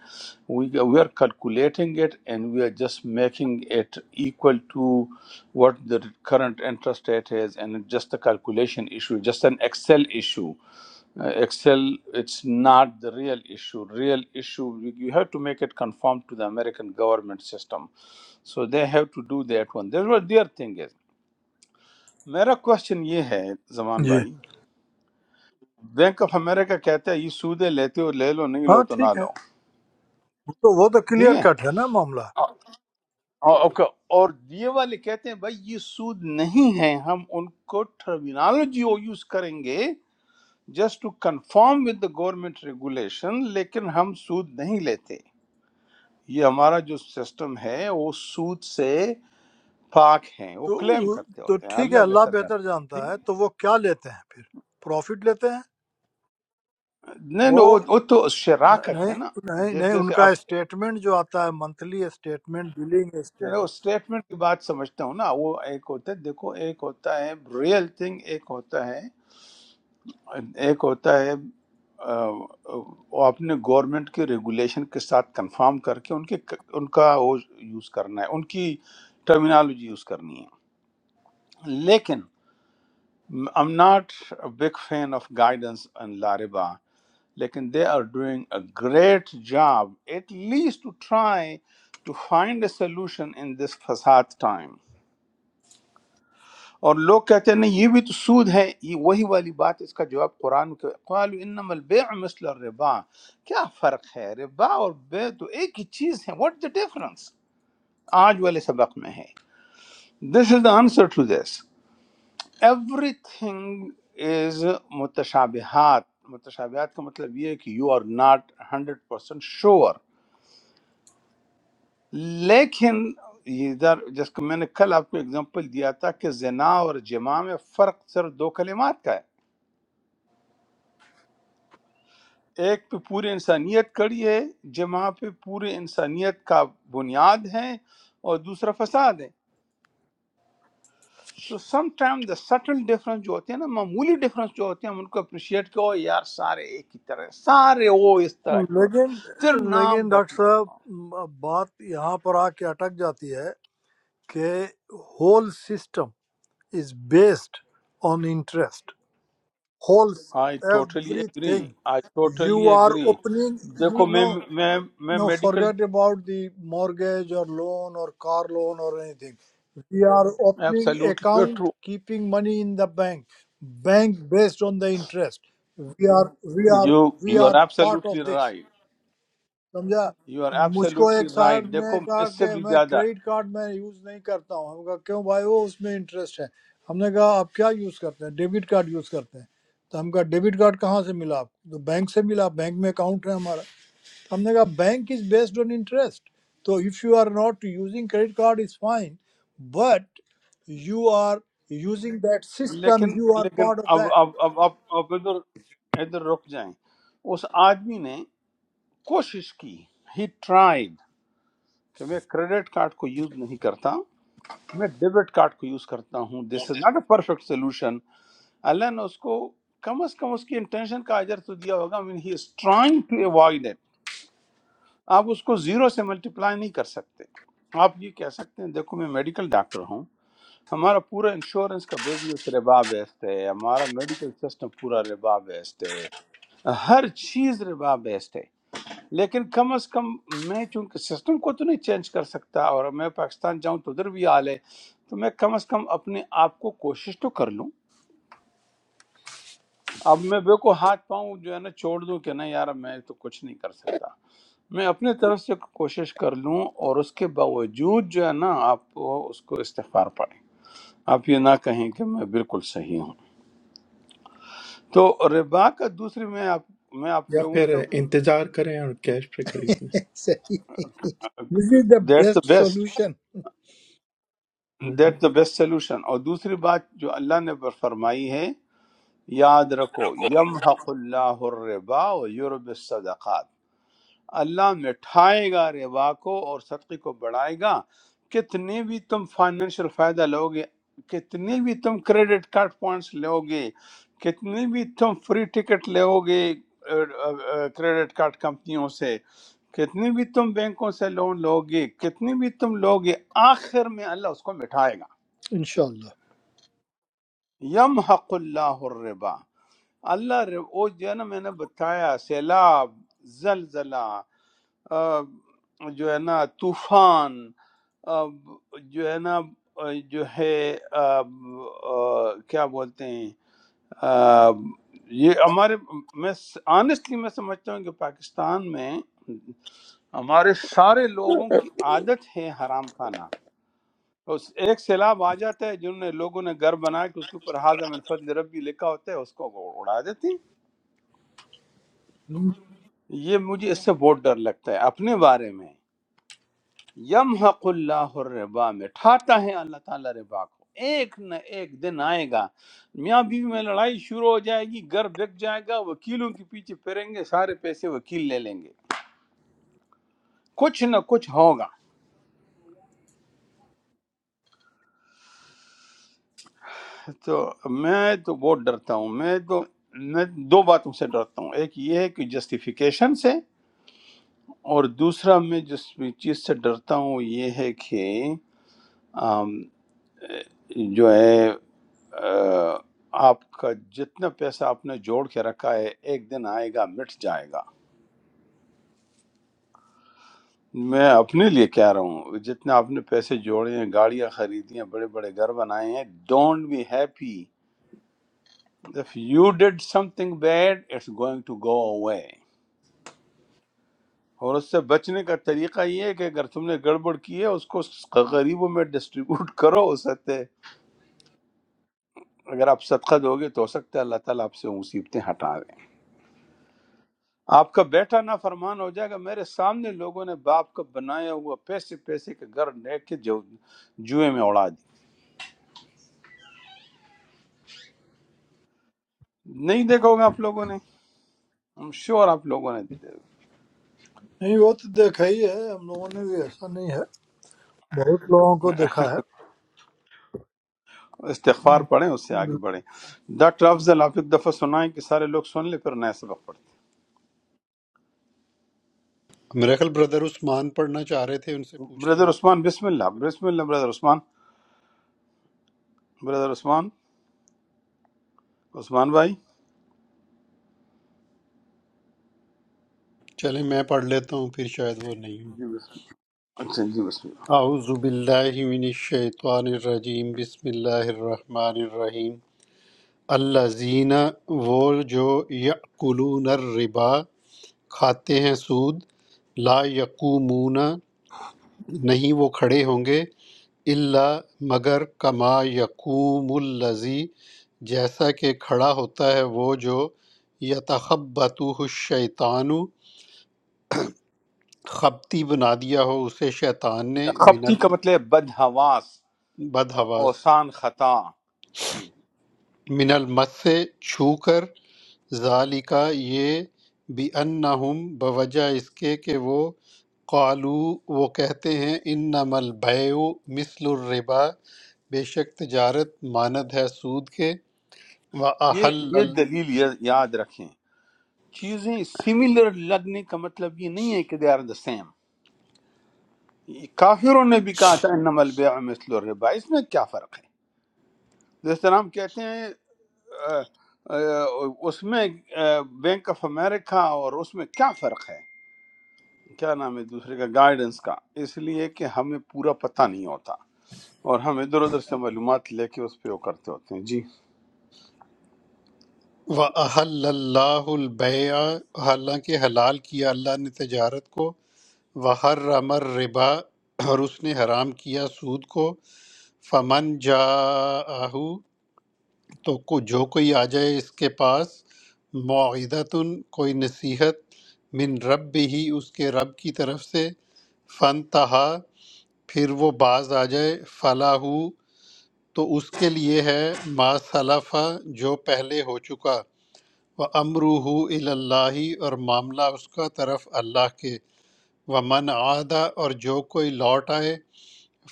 A: we are calculating it and we are just making it equal to what the current interest rate is and it's just a calculation issue just an excel issue Uh, excel it's not the real issue real issue you you have to make it conform to the american government system so they have to do that one that's what their thing is میرا question یہ ہے زمان
H: जी
A: بھائی بینک آف امریکہ کہتا ہے یہ سودے لیتے ہو لے لو نہیں لو
H: हाँ
A: تو نہ
H: ठीक है
A: لو
H: तो वो तो
A: ٹھیک
H: क्लियर
A: ہے
H: कट है ना मामला तो
A: اور اور- اور یہ والے کہتے ہیں بھائی یہ سود نہیں ہے ہم ان کو ٹرمینالوجی وہ یوز کریں گے just to conform with the government regulation لیکن ہم سود نہیں لیتے یہ ہمارا جو سسٹم ہے وہ سود سے پاک ہیں وہ کلیم
H: वो-
A: کرتے
H: तो
A: ہوتے ہیں
H: ठीक है
A: اللہ
H: अल्लाह
A: بہتر
H: बेहतर
A: جانتے ہیں
H: जानता
A: ٹھیک
H: है
A: ہے؟
H: तो वो क्या लेते हैं फिर प्रॉफिट लेते हैं
A: نہیں نہیں،
H: वो
A: وہ وہ تو
H: न-
A: شراکت ہے نا
H: नहीं नहीं
A: جیسے
H: नहीं
A: جیسے
H: उनका
A: آپ
H: statement जो आता है monthly statement billing
A: میں وہ
H: statement
A: اسٹیٹمنٹ کی بات سمجھتا ہوں نا وہ ایک ہوتا ہے دیکھو ایک ہوتا ہے ریئل تھنگ ایک ہوتا ہے ایک ہوتا ہے آ، وہ اپنے گورنمنٹ کے ریگولیشن کے ساتھ کنفارم کر کے ان کے ان کا وہ یوز کرنا ہے ان کی ٹرمینالوجی یوز کرنی ہے لیکن am not big fan of guidance and لاربا لیکن they are doing a great job at least to try to find a solution in this فساد ٹائم اور لوگ کہتے ہیں نہیں یہ بھی تو سود ہے یہ وہی والی بات اس کا جواب قرآن کے قال انما البیع مثل الربا کیا فرق ہے ربا اور بے تو ایک ہی چیز ہے واٹ the ڈفرنس آج والے سبق میں ہے this is the answer to this everything is متشابہات متشابہات کا مطلب یہ ہے کہ you are not hundred percent sure لیکن یہ ادھر جس کو میں نے کل آپ کو اگزامپل دیا تھا کہ زنا اور جماع میں فرق صرف دو کلمات کا ہے ایک پہ پوری انسانیت کڑی ہے جہاں پہ پوری انسانیت کا بنیاد ہے اور دوسرا فساد ہے تو some time the subtle difference جو ہوتے ہیں نا معمولی ڈفرنس جو ہوتے ہیں ہم ان کو اپریشیٹ کرو یار سارے ایک ہی طرح ہیں، سارے وہ اس طرح کے ہوتے
H: लेकिन
A: ہیں۔ پھر نام
H: लेकिन डॉक्टर साहब,
A: بتلاؤ
H: म- बात यहाँ पर आके अटक जाती है कि whole system is based on interest whole
A: I totally agree
H: everything
A: I totally
H: you are
A: agree
H: opening
A: دیکھو
H: you
A: میں
H: know
A: میں میں
H: No,
A: medical
H: forget about the mortgage or loan or car loan or anything. We are opening
A: absolutely
H: account,
A: true
H: keeping money in the bank, bank based on the interest. We are we are
A: you
H: we
A: you are
H: are part
A: absolutely
H: of this.
A: Right
H: समझा
A: یو آر
H: मुझको
A: ایبسلیوٹلی
H: एक साहब
A: رائٹ
H: ने
A: دیکھو
H: कहा
A: اس سے
H: कि
A: بھی
H: मैं
A: زیادہ
H: क्रेडिट कार्ड में यूज नहीं करता हूँ हमने कहा क्यों भाई वो उसमें इंटरेस्ट है हमने कहा आप क्या यूज करते हैं डेबिट कार्ड यूज करते हैं तो हम कहा डेबिट कार्ड कहाँ से मिला आपको तो बैंक से मिला बैंक में अकाउंट है हमारा something like a bank is based on interest so if you are not using credit card is fine but you are using that system
A: لیکن
H: you are
A: لیکن
H: part of
A: اب
H: that
A: اب اب اب اب ادھر ادھر رک جائیں اس آدمی نے کوشش کی ہی ٹرائیڈ کہ میں کریڈٹ کارڈ کو یوز نہیں کرتا میں ڈیبٹ کارڈ کو یوز کرتا ہوں this is not a perfect solution اللہ نے اس کو کم از کم اس کی انٹینشن کا اجر تو دیا ہوگا mean he is trying to avoid آپ اس کو زیرو سے ملٹیپلائی نہیں کر سکتے آپ یہ کہہ سکتے ہیں دیکھو میں میڈیکل ڈاکٹر ہوں ہمارا پورا انشورنس کا بزنس ربا بیسڈ ہے ہمارا میڈیکل سسٹم پورا ربا بیسڈ ہے ہر چیز ربا بیسڈ ہے لیکن کم از کم میں چونکہ سسٹم کو تو نہیں چینج کر سکتا اور میں پاکستان جاؤں تو ادھر بھی حال ہے تو میں کم از کم اپنے آپ کو کوشش تو کر لوں اب میں بے کو ہاتھ پاؤں جو ہے نا چھوڑ دوں کہ نہیں یار میں تو کچھ نہیں کر سکتا میں اپنے طرف سے کوشش کر لوں اور اس کے باوجود جو ہے نا آپ کو اس کو استغفار پڑھیں آپ یہ نہ کہیں کہ میں بالکل صحیح ہوں تو ربا کا دوسری میں آپ میں آپ
B: یا
A: لوگوں
B: پھر
A: کو
B: انتظار کریں اور کیش پہ خرید لیں
H: सही। this is the
A: that's the
H: best
A: best
H: solution
B: ہوں، ہوں۔
A: دیٹ دا بیسٹ سولوشن اور دوسری بات جو اللہ نے بر- فرمائی ہے یاد رکھو یم حق اللہ الربا و یورب الصدقات، اللہ مٹھائے گا ربا کو اور صدقے کو بڑھائے گا کتنے بھی تم فائنینشیل فائدہ لو گے کتنے بھی تم کریڈٹ کارڈ پوائنٹس لو گے کتنے بھی تم فری ٹکٹ لو گے کریڈٹ کارڈ کمپنیوں سے کتنے بھی تم بینکوں سے لون لو گے کتنے بھی تم لو گے آخر میں اللہ اس کو مٹھائے گا
H: inshallah
A: یم حق اللہ الربا اللہ رب- وہ جو ہے نا میں نے بتایا سیلاب زلزلہ آ، جو ہے نا طوفان آ، جو ہے نا آ، جو ہے آ، آ، کیا بولتے ہیں آ، یہ ہمارے میں آنےسٹلی میں سمجھتا ہوں کہ پاکستان میں ہمارے سارے لوگوں کی عادت ہے حرام کھانا اس ایک سیلاب آ جاتا ہے جنہوں نے لوگوں نے گھر بنا کے اس کے اوپر حاضہ من فضل ربی لکھا ہوتا ہے اس کو وہ اڑا دیتے ہیں یہ مجھے اس سے بہت ڈر لگتا ہے اپنے بارے میں یمحق اللہ الربا مٹھاتا ہے اللہ تعالیٰ ربا کو ایک نہ ایک دن آئے گا میاں بیوی میں لڑائی شروع ہو جائے گی گھر بک جائے گا وکیلوں کے پیچھے پھریں گے سارے پیسے وکیل لے لیں گے کچھ نہ کچھ ہوگا تو میں تو بہت ڈرتا ہوں میں تو میں دو باتوں سے ڈرتا ہوں ایک یہ ہے کہ جسٹیفیکیشن سے اور دوسرا میں جس چیز سے ڈرتا ہوں یہ ہے کہ آم، جو ہے آ، آپ کا جتنا پیسہ آپ نے جوڑ کے رکھا ہے ایک دن آئے گا مٹ جائے گا میں اپنے لیے کہہ رہا ہوں جتنا آپ نے پیسے جوڑے ہیں گاڑیاں خریدی ہیں بڑے بڑے گھر بنائے ہیں don't be happy if you did something bad it's going to go away اور اس سے بچنے کا طریقہ یہ ہے کہ اگر تم نے گڑبڑ کی ہے اس کو غریبوں میں ڈسٹریبیوٹ کرو اس سے اگر آپ صدقہ دو گے تو ہو سکتا ہے اللہ تعالیٰ آپ سے مصیبتیں ہٹا آپ کا بیٹا نافرمان ہو جائے گا میرے سامنے لوگوں نے باپ کا بنایا ہوا پیسے پیسے کے گھر لے کے جو جوئے میں اڑا دی نہیں دیکھا ہوگا آپ لوگوں نے ہم شور آپ لوگوں نے
H: नहीं वो तो देखा ही है हम लोगों ने भी ऐसा नहीं है बहुत लोगों को देखा है
A: استغفار
H: हम्म,
A: پڑھیں اس سے آگے
H: बिल्कुल।
A: بڑھیں ڈاکٹر افضل آپ ایک دفعہ سنائیں کہ سارے لوگ سن لیں پھر نیا سبق پڑھتے
D: میرا خیال بردر عثمان پڑھنا چاہ رہے تھے ان سے
A: ہیں۔
D: پوچھ
A: بردر
D: لیں
A: عثمان بسم اللہ بسم اللہ بردر عثمان بردر عثمان عثمان بھائی
D: چلے میں پڑھ لیتا ہوں پھر شاید وہ نہیں ہوں۔
A: جی بسم اللہ اچھا جی بسم اللہ
D: اعوذ باللہ من الشیطان الرجیم بسم اللہ الرحمن الرحیم الذین وہ جو یأکلون الربا کھاتے ہیں سود لا یقومون نہیں وہ کھڑے ہوں گے الا مگر کما یقوم الذی جیسا کہ کھڑا ہوتا ہے وہ جو یتخبطہ الشیطان خبتی بنا دیا ہو اسے شیطان نے من
A: خپتی کا مطلب ہے بدحواس
D: البد حواس
A: اوسان خطا جی
D: من المس سے چھو کر ذَلِکَ یہ بِأَنَّهُمْ بوجہ اس کے کہ وہ قالو وہ کہتے ہیں انما البیع مثل الربا بے شک تجارت ماند ہے سود کے
A: یہ
D: وَأَحَلَّ
A: یہ دلیل یا- یاد رکھیں چیزیں سملر لگنے کا مطلب یہ نہیں ہے کہ دے آر دا سیم کافروں نے بھی کہا تھا انما البیع مثل الربا اس میں کیا فرق ہے جس طرح ہم کہتے ہیں آ، آ، اس میں بینک آف امریکہ اور اس میں کیا فرق ہے کیا نام ہے دوسرے کا گائیڈنس کا اس لیے کہ ہمیں پورا پتہ نہیں ہوتا اور ہم ادھر ادھر سے معلومات لے کے اس پہ وہ کرتے ہوتے ہیں جی
D: وَأَحَلَّ اللَّهُ الْبَيْعَ حالانکہ حلال کیا اللہ نے تجارت کو وَحَرَّمَ الرِّبَا اور اس نے حرام کیا سود کو فمن جاءہ تو کو- جو کوئی آ جائے اس کے پاس معیدتن کوئی نصیحت من رب بھی اس کے رب کی طرف سے فن تہا پھر وہ باز آ جائے فلاح تو اس کے لیے ہے ما صلفہ جو پہلے ہو چکا و امروح اللہ اور معاملہ اس کا طرف اللہ کے و من عادہ اور جو کوئی لوٹ آئے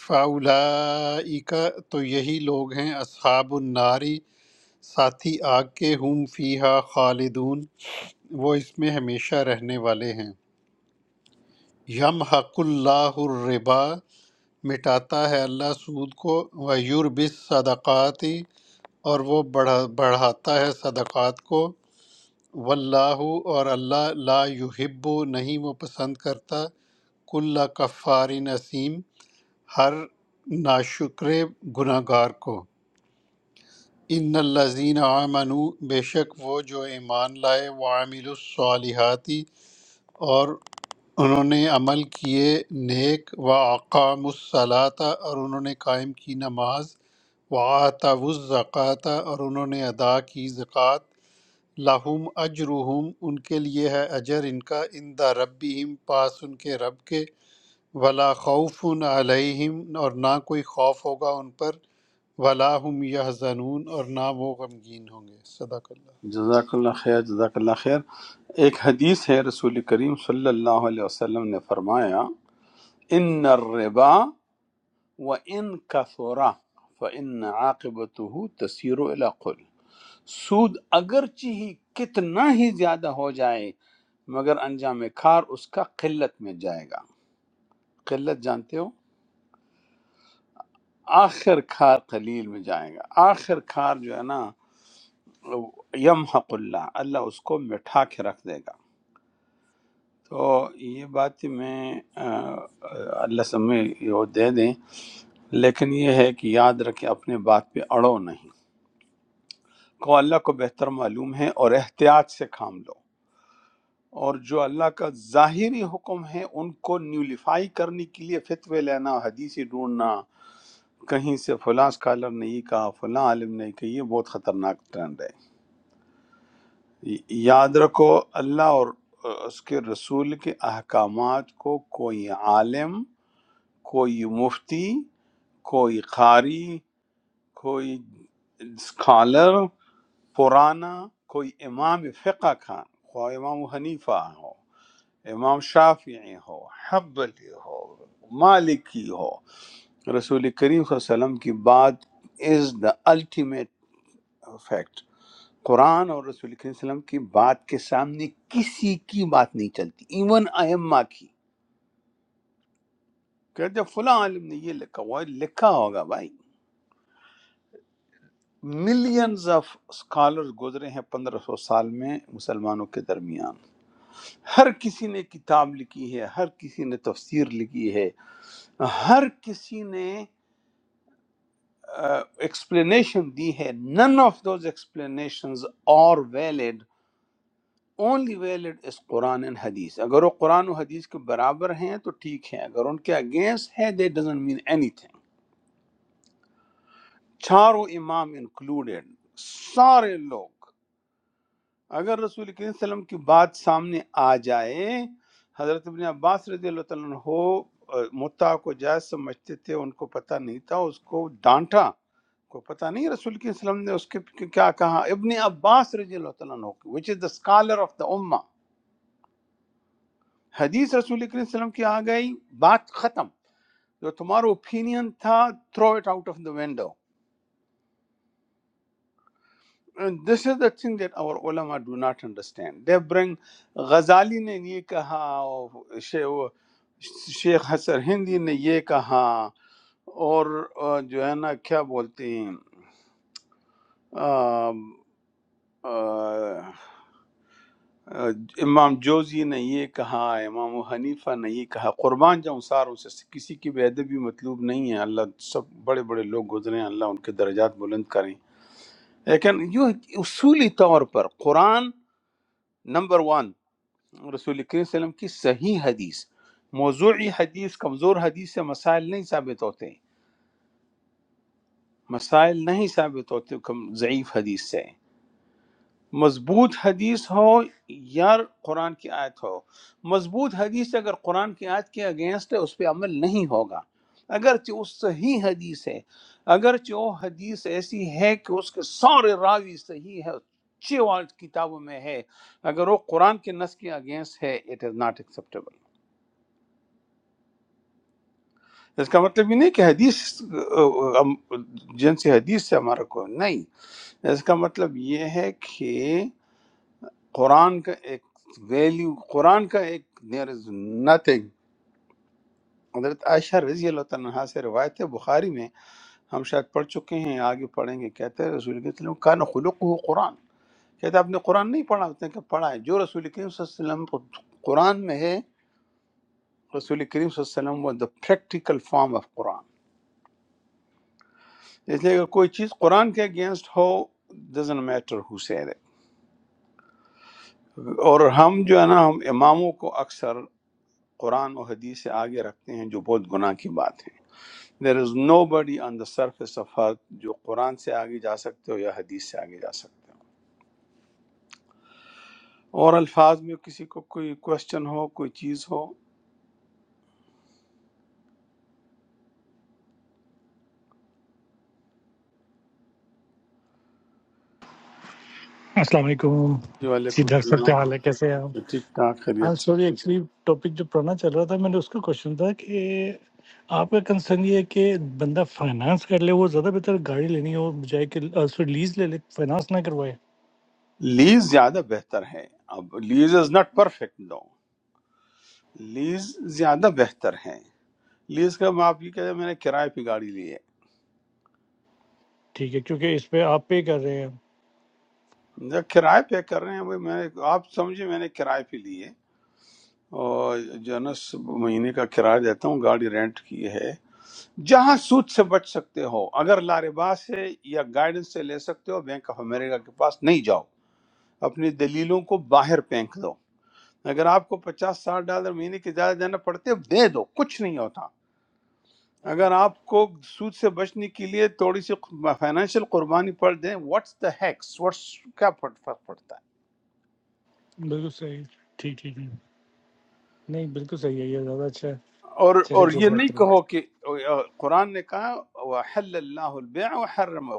D: فاولائکا تو یہی لوگ ہیں اصحاب الناری ساتھی آگ کے ہم فیہا خالدون وہ اس میں ہمیشہ رہنے والے ہیں یم حق اللہ الربا مٹاتا ہے اللہ سود کو ویوربس صدقات اور وہ بڑھا بڑھاتا ہے صدقات کو واللہ اور اللہ لا یحب نہیں وہ پسند کرتا کل کفار نسیم ہر ناشکر گناہ گار کو ان الذین آمنوا بے شک وہ جو ایمان لائے وعملوا الصالحات اور انہوں نے عمل کیے نیک واقام الصلاۃ اور انہوں نے قائم کی نماز وآتوا الزکوٰۃ اور انہوں نے ادا کی زکوٰۃ لہم اجرہم ان کے لیے ہے اجر ان کا عند ربہم پاس ان کے رب کے ولا خوف علیہم اور نہ کوئی خوف ہوگا ان پر ولا هم یحزنون اور نہ وہ غمگین ہوں گے صدق اللہ
A: جزاک اللہ خیر جزاک اللہ خیر ایک حدیث ہے رسول کریم صلی اللہ علیہ وسلم نے فرمایا ان الربا وان کثرا فان عاقبته تسیر الى قل سود اگرچہ ہی کتنا ہی زیادہ ہو جائے مگر انجام کار اس کا قلت میں جائے گا قلت جانتے ہو آخر کار قلیل میں جائے گا آخر کار جو ہے نا یمحق اللہ اللہ اس کو مٹھا کے رکھ دے گا تو یہ بات میں آ، اللہ سمے یہ دے دیں لیکن یہ ہے کہ یاد رکھیں اپنے بات پہ اڑو نہیں کو اللہ کو بہتر معلوم ہے اور احتیاط سے کام لو اور جو اللہ کا ظاہری حکم ہے ان کو نیولیفائی کرنے کے لیے فتوے لینا حدیثی ڈھونڈنا کہیں سے فلاں اسکالر نے یہ کہا فلاں عالم نے کہ یہ بہت خطرناک ٹرینڈ ہے ی- یاد رکھو اللہ اور اہ، اس کے رسول کے احکامات کو کوئی عالم کوئی مفتی کوئی قاری کوئی اسکالر پرانا کوئی امام فقہ کا خواہ امام حنیفہ ہو امام شافعی ہو حبلی ہو مالکی ہو رسول کریم صلی اللہ علیہ وسلم کی بات از دا الٹیمیٹ فیکٹ قرآن اور رسول کریم صلی اللہ علیہ وسلم کی بات کے سامنے کسی کی بات نہیں چلتی ایون ائمہ کی کہ جب فلاں عالم نے یہ لکھا ہوا ہے، لکھا ہوگا بھائی ملینز آف اسکالرز گزرے ہیں پندرہ سو سال میں مسلمانوں کے درمیان ہر کسی نے کتاب لکھی ہے ہر کسی نے تفسیر لکھی ہے ہر کسی نے ایکسپلینیشن دی ہے none of those explanations are valid only valid is قرآن اینڈ حدیث اگر وہ قرآن و حدیث کے برابر ہیں تو ٹھیک ہے اگر ان کے اگینسٹ ہے they doesn't mean anything چاروں امام انکلوڈیڈ سارے لوگ اگر رسول کریم صلی اللہ علیہ وسلم کی بات سامنے آ جائے حضرت ابن عباس رضی اللہ تعالیٰ عنہ آ، متع کو جائز سمجھتے تھے ان کو پتہ نہیں تھا اس کو ڈانٹا کو پتہ نہیں رسول کریم صلی اللہ علیہ وسلم نے اس کے کی- کیا کہا ابن عباس رضی اللہ تعالیٰ عنہ وچ از دا اسکالر آف دا امہ حدیث رسول کریم صلی اللہ علیہ وسلم کی آ گئی بات ختم جو تمہارا اوپینین تھا throw it out of the window And this is the thing that our ulama do not understand. They bring Ghazali نے یہ کہا اور شے- وہ شیخ حسر ہندی نے یہ کہا اور آ، جو ہے نا کیا بولتے ہیں آم، آ، آ، امام جوزی نے یہ کہا امام حنیفہ نے یہ کہا قربان جاؤں ساروں سے کسی کی بے ادبی مطلوب نہیں ہے اللہ سب بڑے بڑے لوگ گزرے ہیں اللہ ان کے درجات بلند کریں لیکن یہ اصولی طور پر قرآن نمبر ون رسول کریم صلی اللہ علیہ وسلم کی صحیح حدیث موضوعی حدیث کمزور حدیث سے مسائل نہیں ثابت ہوتے مسائل نہیں ثابت ہوتے کم ضعیف حدیث سے مضبوط حدیث ہو یا قرآن کی آیت ہو مضبوط حدیث اگر قرآن کی آیت کے اگینسٹ ہے اس پہ عمل نہیں ہوگا اگرچہ وہ صحیح حدیث ہے اگرچہ وہ حدیث ایسی ہے کہ اس کے سارے راوی صحیح ہے اچھے کتابوں میں ہے اگر وہ قرآن کے نس کے اگینسٹ ہے اٹ از ناٹ acceptable اس کا مطلب یہ نہیں کہ حدیث آ، ہم جن سے حدیث سے ہمارا کوئی نہیں اس کا مطلب یہ ہے کہ قرآن کا ایک ویلیو قرآن کا ایک دیر از نتھنگ حضرت عائشہ رضی اللہ تعالیٰ عنہا سے روایت ہے بخاری میں ہم شاید پڑھ چکے ہیں آگے پڑھیں گے کہتے ہیں رسول کریم صلی اللہ علیہ وسلم کا خلق ہو قرآن کہتے آپ نے قرآن نہیں پڑھا ہوتا کہ پڑھا ہے جو رسول کریم صلی اللہ علیہ وسلم کو قرآن میں ہے رسول کریم صلی اللہ علیہ وسلم وہ دا پریکٹیکل فارم آف قرآن اس لیے اگر کوئی چیز قرآن کے اگینسٹ ہو ڈزن میٹر ہو سیر اور ہم جو ہے نا ہم اماموں کو اکثر قرآن و حدیث سے آگے رکھتے ہیں جو بہت گناہ کی بات ہے دیر از نو بڈی آن دا سرفیس آف ارتھ جو قرآن سے آگے جا سکتے ہو یا حدیث سے آگے جا سکتے ہو اور الفاظ میں کسی کو کوئی کوشچن ہو کوئی چیز ہو
F: السلام علیکم
A: جی
F: جی
A: وعلیکم
F: ڈاکٹر صاحب کیا
A: السلام
F: حال ہے کیسے ہیں آپ
A: ٹھیک ٹھاک
F: آج
A: خیریت
F: سوری ایکچولی ٹاپک جو پرانا چل رہا تھا میں نے اس کا کوشچن تھا کہ آپ کا کنسرن یہ ہے کہ بندہ فائنانس کر لے وہ زیادہ بہتر گاڑی لینی ہو بجائے کہ آ، سوری لیز لے لے فائنانس نہ کروائے
A: سے لیز زیادہ بہتر ہے اب lease is not perfect no lease زیادہ بہتر ہے لیز کا میں آپ یہ کہہ میں نے کرائے پہ گاڑی لی ہے
F: ٹھیک ہے کیونکہ اس پہ آپ پے کر رہے ہیں
A: جب کرائے پہ کر رہے ہیں وہ میں نے آپ سمجھے میں نے کرائے پہ لی ہے اور جو ہے نا س- مہینے کا کرایہ دیتا ہوں گاڑی رینٹ کی ہے جہاں سود سے بچ سکتے ہو اگر لاربا سے یا گائیڈنس سے لے سکتے ہو بینک آف امریکہ کے پاس نہیں جاؤ اپنی دلیلوں کو باہر پھینک دو اگر آپ کو پچاس ساٹھ ڈالر مہینے کے زیادہ دینا پڑتے دے دو کچھ نہیں ہوتا اگر آپ کو سود سے بچنے کے لیے تھوڑی سی فائنینشیل قربانی پڑ دیں واٹس دا ہیکس واٹس کیا پڑ- فرق پڑتا ہے
F: بالکل صحیح ٹھیک ٹھیک ٹھیک۔ نہیں بالکل صحیح ہے یہ زیادہ اچھا ہے
A: اور
F: چلے
A: اور
F: جو
A: یہ نہیں
F: بہتر ہے
A: کہو کہ قرآن نے کہا وحل اللہ البیع وحرم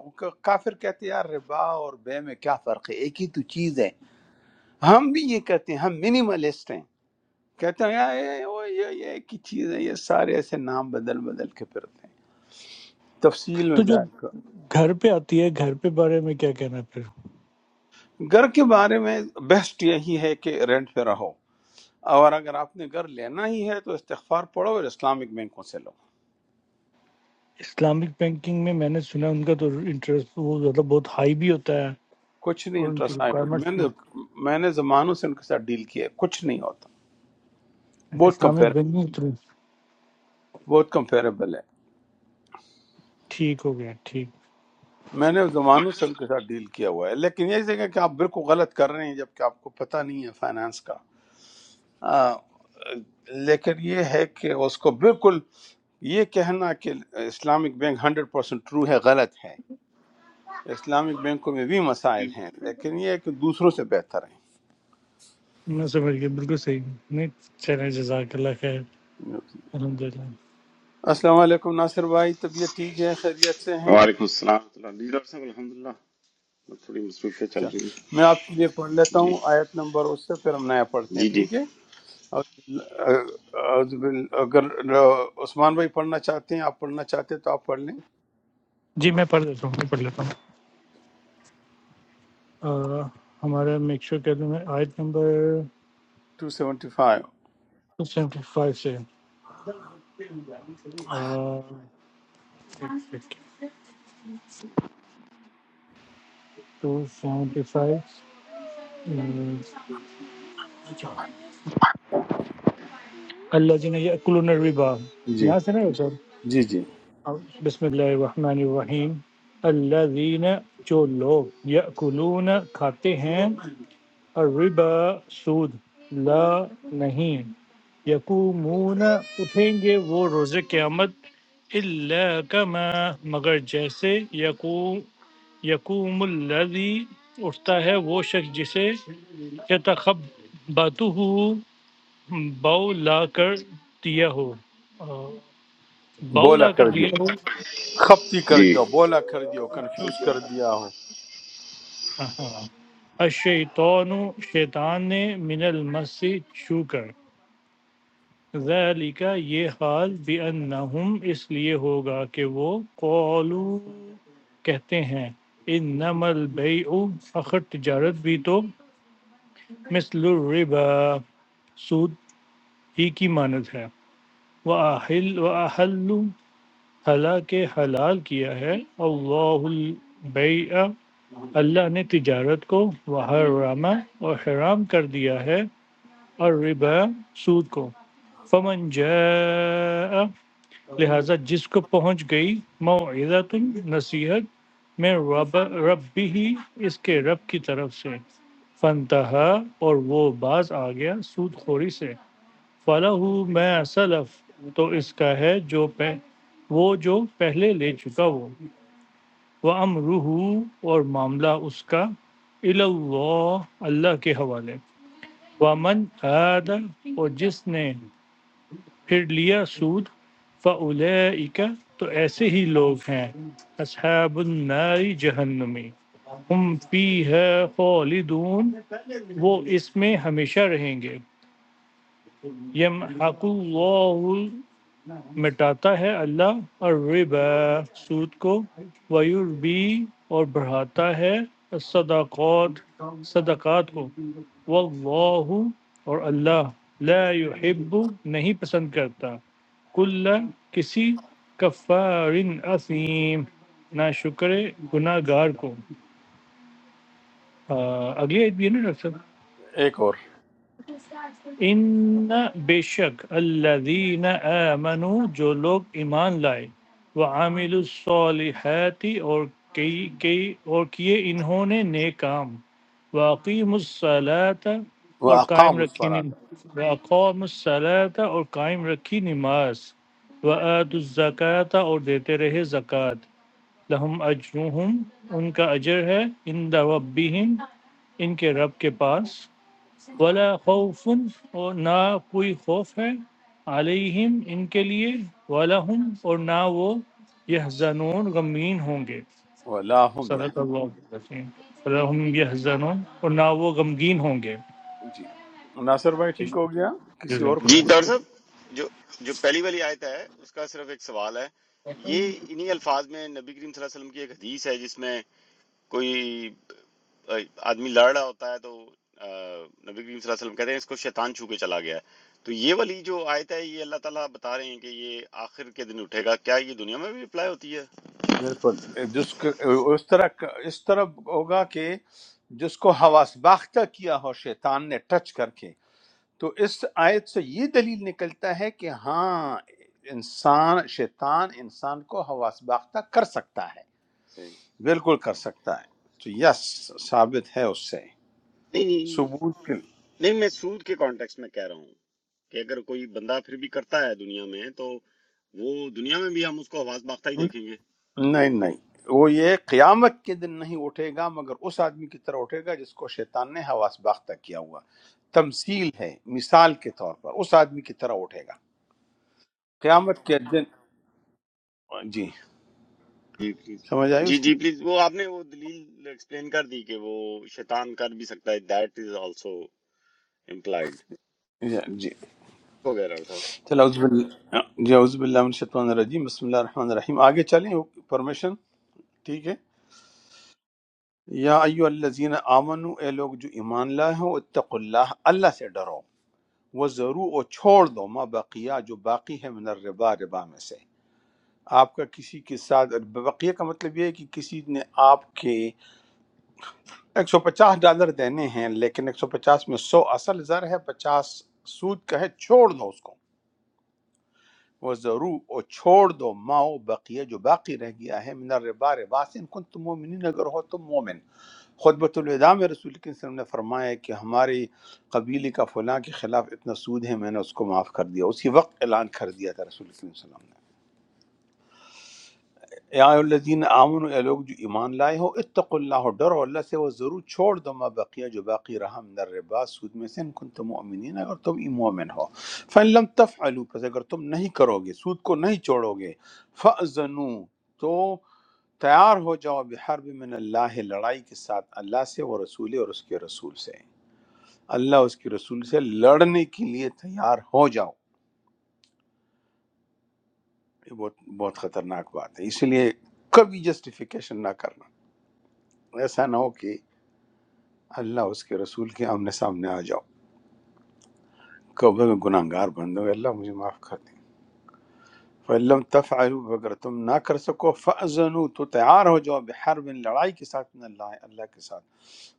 A: کافر کہتے ہیں یار ربا اور بے میں کیا فرق ہے ایک ہی تو چیز ہے ہم بھی یہ کہتے ہیں ہم منیملسٹ ہیں کہتے ہیں یار یہ وہ یہ یہ ایک ہی چیز ہے یہ سارے ایسے نام بدل بدل کے پھرتے ہیں تفصیل
F: تو
A: میں
F: جو
A: جائے گا
F: گھر پہ آتی ہے گھر پہ بارے میں کیا کہنا ہے پھر
A: گھر کے بارے میں بیسٹ یہی ہے کہ رینٹ پہ رہو اور اگر آپ نے گھر لینا ہی ہے تو استغفار پڑھو اور اسلامک بینکوں سے لو
F: اسلامک بینکنگ میں میں نے سنا ہے ان کا تو انٹرسٹ وہ زیادہ بہت ہائی بھی ہوتا ہے
A: کچھ نہیں
F: اور ان کی
A: انٹرسٹ آیا
F: ریکوائرمنٹس
A: میں
F: بھی
A: نے میں نے زمانوں سے ان کے ساتھ ڈیل کیا ہے کچھ نہیں ہوتا
F: اچھا
A: بہت
F: اسلامک
A: کمپیریبل
F: بینکنگ تھرو
A: بہت کمپیریبل ہے
F: ٹھیک ہو گیا ٹھیک
A: میں نے زمانوں سے ان کے ساتھ ڈیل کیا ہوا ہے لیکن یہ جگہ کہ آپ بالکل غلط کر رہے ہیں جبکہ آپ کو پتہ نہیں ہے فائنانس کا آ، لیکن یہ ہے کہ اس کو بالکل یہ کہنا کہ Islamic bank hundred percent true ہے غلط ہے اسلامک بینکوں میں بھی مسائل ہیں لیکن یہ ہے کہ دوسروں سے بہتر
F: میں سمجھ گیا بالکل صحیح نہیں چلیں جزاک اللہ خیر
A: ہیں
F: الحمد للہ
A: السلام علیکم ناصر بھائی طبیعت ٹھیک ہے خیریت سے ہیں
I: वालेकुम सलाम डॉक्टर साहब अल्हम्दुलिल्लाह मैं थोड़ी मसरूफियत चल
A: اچھا
I: रही है
A: میں آپ کے لیے پڑھ لیتا
I: जी
A: ہوں آیت نمبر اس سے پھر ہم نیا پڑھتے ہیں
I: जी जी
A: ٹھیک ہے اعوذ بال- اگر عثمان بھائی پڑھنا چاہتے ہیں آپ پڑھنا چاہتے ہیں تو آپ پڑھ لیں
F: جی میں پڑھ لیتا ہوں میں پڑھ لیتا ہوں آ، ہمارا میک شور کہہ دوں میں آیت نمبر
A: 275
F: 275 سے ٹو سیونٹی فائیو اللہ جی نے یہ الربا
A: جی
F: یہاں سے نہیں ہوتا
A: جی جی
F: بسم اللہ الرحمن الرحیم الذین جو لوگ یأکلون کھاتے ہیں الربا سود لا نہیں یقومون اٹھیں گے وہ روز قیامت الا کما مگر جیسے یقوم یقوم الذی اٹھتا ہے وہ شخص جسے یتخبطہ بو لا کر دیا ہو آ، بو
A: بولا
F: لا کر
A: کر دیا
F: دیا ہو
A: خپتی کر
I: जी
A: دیا بولا کر دیا کنفیوز کر دیا ہو
F: ہاں الشیطان شیطان نے من المس سے چھو کر ذالک یہ حال بانہم اس لیے ہوگا کہ وہ قولو کہتے ہیں انما البیع فخر تجارت بھی تو مثل الربا سود ہی کی مانند ہے وَأَحِلُّ وَأَحَلُّ حالانکہ حلال کیا ہے اللہ البیع اللہ نے تجارت کو وحرم اور حرام کر دیا ہے اور ربا سود کو فمن جاء لہذا جس کو پہنچ گئی موعظت نصیحت میں رب ربی ہی اس کے رب کی طرف سے فنتہا اور وہ باز آ گیا سود خوری سے فَلَهُ مَا سَلَف تو اس کا ہے جو پہ وہ جو پہلے لے چکا وہ وَأَمْرُهُ اور معاملہ اس کا إِلَى اللَّهِ اللہ کے حوالے وَمَنْ عَادَ اور جس نے پھر لیا سود فَأُولَئِكَ تو ایسے ہی لوگ ہیں اصحاب النار جہنمی ہم فی ہے خالدون وہ اس میں ہمیشہ رہیں گے یم مٹاتا ہے اللہ الربا سود کو ویربی اور بڑھاتا ہے الصدقات صدقات کو واللہ اور اللہ لا یحب نہیں پسند کرتا کل کسی کفار اثیم نہ شکر گناہ گار کو آ، اگلی عید بھی ہے نا ڈاکٹر صاحب
A: ایک اور
F: ان بے شک الذین آمنوا جو لوگ ایمان لائے وعاملوا الصالحات اور کئی کئی اور کیے انہوں نے نیک کام واقیم الصلاۃ
A: وہ
F: اور قائم
A: اقام اس
F: رکھی
A: پر
F: نم-
A: آتا
F: واقام الصلاۃ اور قائم رکھی نماز وآت الزکاۃ اور دیتے رہے زکوٰۃ لہم اجرہم ان کا اجر ہے عند ربہم ان کے رب کے پاس ولا خوف اور نہ کوئی خوف ہے علیہم ان کے لیے ولا ہم اور نہ وہ یحزنون غمگین ہوں گے
A: ولا هم
F: صدق
A: يحزنون۔
F: اللہ العظیم ولا ہم یحزنون اور نہ وہ غمگین ہوں گے
A: جی ناصر بھائی ٹھیک ہو گیا کسی اور
F: جزاک
A: کو
I: जी
F: اللہ
I: डॉक्टर साहब जो जो पहली वाली आयत है उसका सिर्फ एक सवाल है ये इन्हीं अल्फाज में नबी करीम सल्लल्लाहु अलैहि वसल्लम की एक हदीस है जिसमें कोई अ, आदमी लड़ रहा होता है तो अ, नबी करीम सल्लल्लाहु अलैहि वसल्लम कहते हैं इसको शैतान छू के चला गया है तो ये वाली जो आयत है ये अल्लाह ताला बता रहे हैं कि ये आखिर के दिन उठेगा क्या ये दुनिया में भी अप्लाई होती है
A: بالکل جس کو اس طرح اس طرح ہوگا کہ جس کو حواس باختہ کیا ہو شیطان نے ٹچ کر کے تو اس آیت سے یہ دلیل نکلتا ہے کہ ہاں انسان شیطان انسان کو حواس باختہ کر سکتا ہے
I: सही नहीं
A: بالکل کر سکتا ہے تو یس ثابت ہے اس سے
I: नहीं नहीं
A: ثبوت کے
I: नहीं, मैं सूद के कॉन्टेक्स्ट में कह रहा हूँ कि अगर कोई बंदा फिर भी करता है दुनिया में तो वो दुनिया में भी हम उसको हवास बाख्ता ही देखेंगे
A: نہیں نہیں وہ یہ قیامت کے دن نہیں اٹھے گا مگر اس آدمی کی طرح اٹھے گا جس کو شیطان نے حواس باختہ کیا ہوا تمثیل ہے مثال کے طور پر اس آدمی کی طرح اٹھے گا قیامت کے دن جی
I: जी प्लीज
A: سمجھ آئی
I: जी
A: اس کی
I: जी प्लीज वो आपने वो दलील एक्सप्लेन कर दी कि वो शैतान कर भी सकता है दैट इज आल्सो इम्प्लाइड
A: جی جی
I: हो गया डॉक्टर साहब
A: چلو عزب اللہ جی عزب اللہ من الشیطان الرجیم بسم اللہ الرحمن الرحیم آگے چلیں پرمیشن ٹھیک ہے یا ایو الذین آمنو اے لوگ جو ایمان لائے ہو اتقوا اللہ اللہ سے ڈرو وہ ضرور اور چھوڑ دو ما بقیہ جو باقی ہے من الربا ربا میں سے آپ کا کسی کے ساتھ بقیہ کا مطلب یہ ہے کہ کسی نے آپ کے ایک سو پچاس ڈالر دینے ہیں لیکن ایک سو پچاس میں سو اصل زر ہے پچاس سود کا ہے چھوڑ دو اس کو وہ ضرور اور چھوڑ دو ماؤ بقیہ جو باقی رہ گیا ہے من الربا ربا سے ان کن تم مومنین اگر ہو تم مومن خطبۃ الوداع میں رسول کے وسلم نے فرمایا کہ ہماری قبیلے کا فلاں کے خلاف اتنا سود ہے میں نے اس کو معاف کر دیا اسی وقت اعلان کر دیا تھا رسول کے وسلم یا الذین آمنو اے لوگ جو ایمان لائے ہو اتقوا اللہ ڈرو اللہ سے وہ ضرور چھوڑ دو ما بقیہ جو باقی رہا من الربا سود میں سے ان کنتم مؤمنین اگر تم ای مومن ہو فَإِن لَمْ تَفْعَلُوا پس اگر تم نہیں کرو گے سود کو نہیں چھوڑو گے فَأْذَنُوا تو تیار ہو جاؤ بحرب من اللہ لڑائی کے ساتھ اللہ سے وہ رسول اور اس کے رسول سے اللہ اس کے رسول سے لڑنے کے لیے تیار ہو جاؤ یہ بہت بہت خطرناک بات ہے اسی لیے کبھی جسٹیفیکیشن نہ کرنا ایسا نہ ہو کہ اللہ اس کے رسول کے آمنے سامنے آ جاؤ کہو میں گناہ گار بن دو اللہ مجھے معاف کر دیں فلم تفعلوا اگر تم نہ کر سکو فأذنوا تو تیار ہو جاؤ بحرب لڑائی کے ساتھ من اللہ اللہ کے ساتھ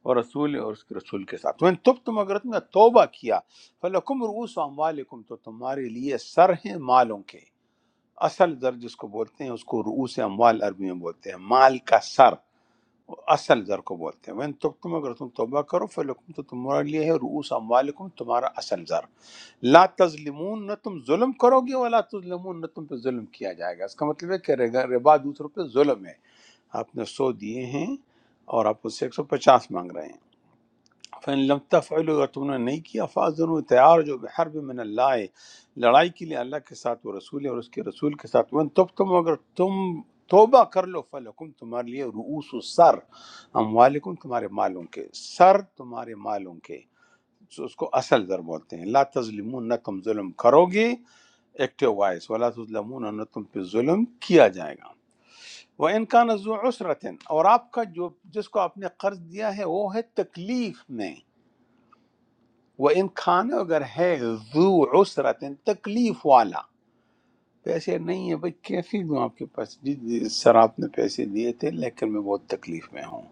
A: اور رسول اور اس کے رسول کے ساتھ وَإِن تبتم اگر تم نے توبہ کیا فلکم رؤوس اموالکم تو تمہارے لیے سر ہیں مالوں کے اصل در جس کو بولتے ہیں اس کو رؤوس اموال عربی میں بولتے ہیں مال کا سر اصل زر کو بولتے ہیں وین تب تم اگر تم توبہ کرو فلکم تو تمہارے لیے ہے رؤوس اموالکم تمہارا اصل زر لا تظلمون نہ تم ظلم کرو گے ولا تظلمون نہ تم پہ ظلم کیا جائے گا اس کا مطلب ہے کہ رگا- ربا دوسروں پہ ظلم ہے آپ نے سو دیے ہیں اور آپ اس سے ایک سو پچاس مانگ رہے ہیں فن لم تفعلوا اگر تم نے نہیں کیا فاضن تیار جو بحرب من اللہ ہے لڑائی کے لیے اللہ کے ساتھ وہ رسول ہے اور اس کے رسول کے ساتھ وہ تب تم اگر تم توبہ کر لو فلکم تمہارے لیے رؤوس سر اموالکم تمہارے مالوں کے سر تمہارے مالوں کے سو اس کو اصل ذر بولتے ہیں لا تظلمون نہ تم ظلم کرو گے ایکٹیو وائس ولا تظلمون نہ تم پہ ظلم کیا جائے گا وہ امکان ذو عسرت اور آپ کا جو جس کو آپ نے قرض دیا ہے وہ ہے تکلیف میں وہ ان کھانا اگر ہے ذو عسرت تکلیف والا پیسے نہیں ہے بھائی کیسے دوں آپ کے پاس جی جی سر آپ نے پیسے دیے تھے لیکن میں بہت تکلیف میں ہوں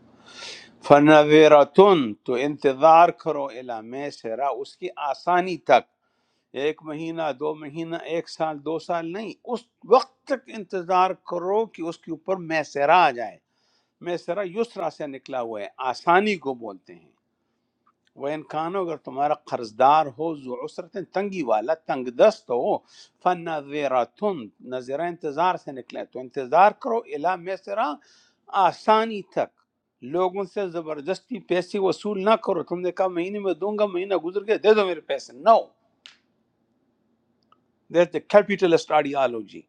A: فنویرتن تو انتظار کرو الا میں سرا اس کی آسانی تک ایک مہینہ دو مہینہ ایک سال دو سال نہیں اس وقت تک انتظار کرو کہ اس کے اوپر میں سرا آ جائے میں سرا یسرا سے نکلا ہوا ہے آسانی کو بولتے ہیں وہ انکان اگر تمہارا قرض دار ہو ذو عسرت تنگی والا تنگ دست ہو فن نظرہ انتظار سے نکلے تو انتظار کرو الا میسرا آسانی تک لوگوں سے زبردستی پیسے وصول نہ کرو تم نے کہا مہینے میں دوں گا مہینہ گزر گیا دے دو میرے پیسے no that the capitalist ideology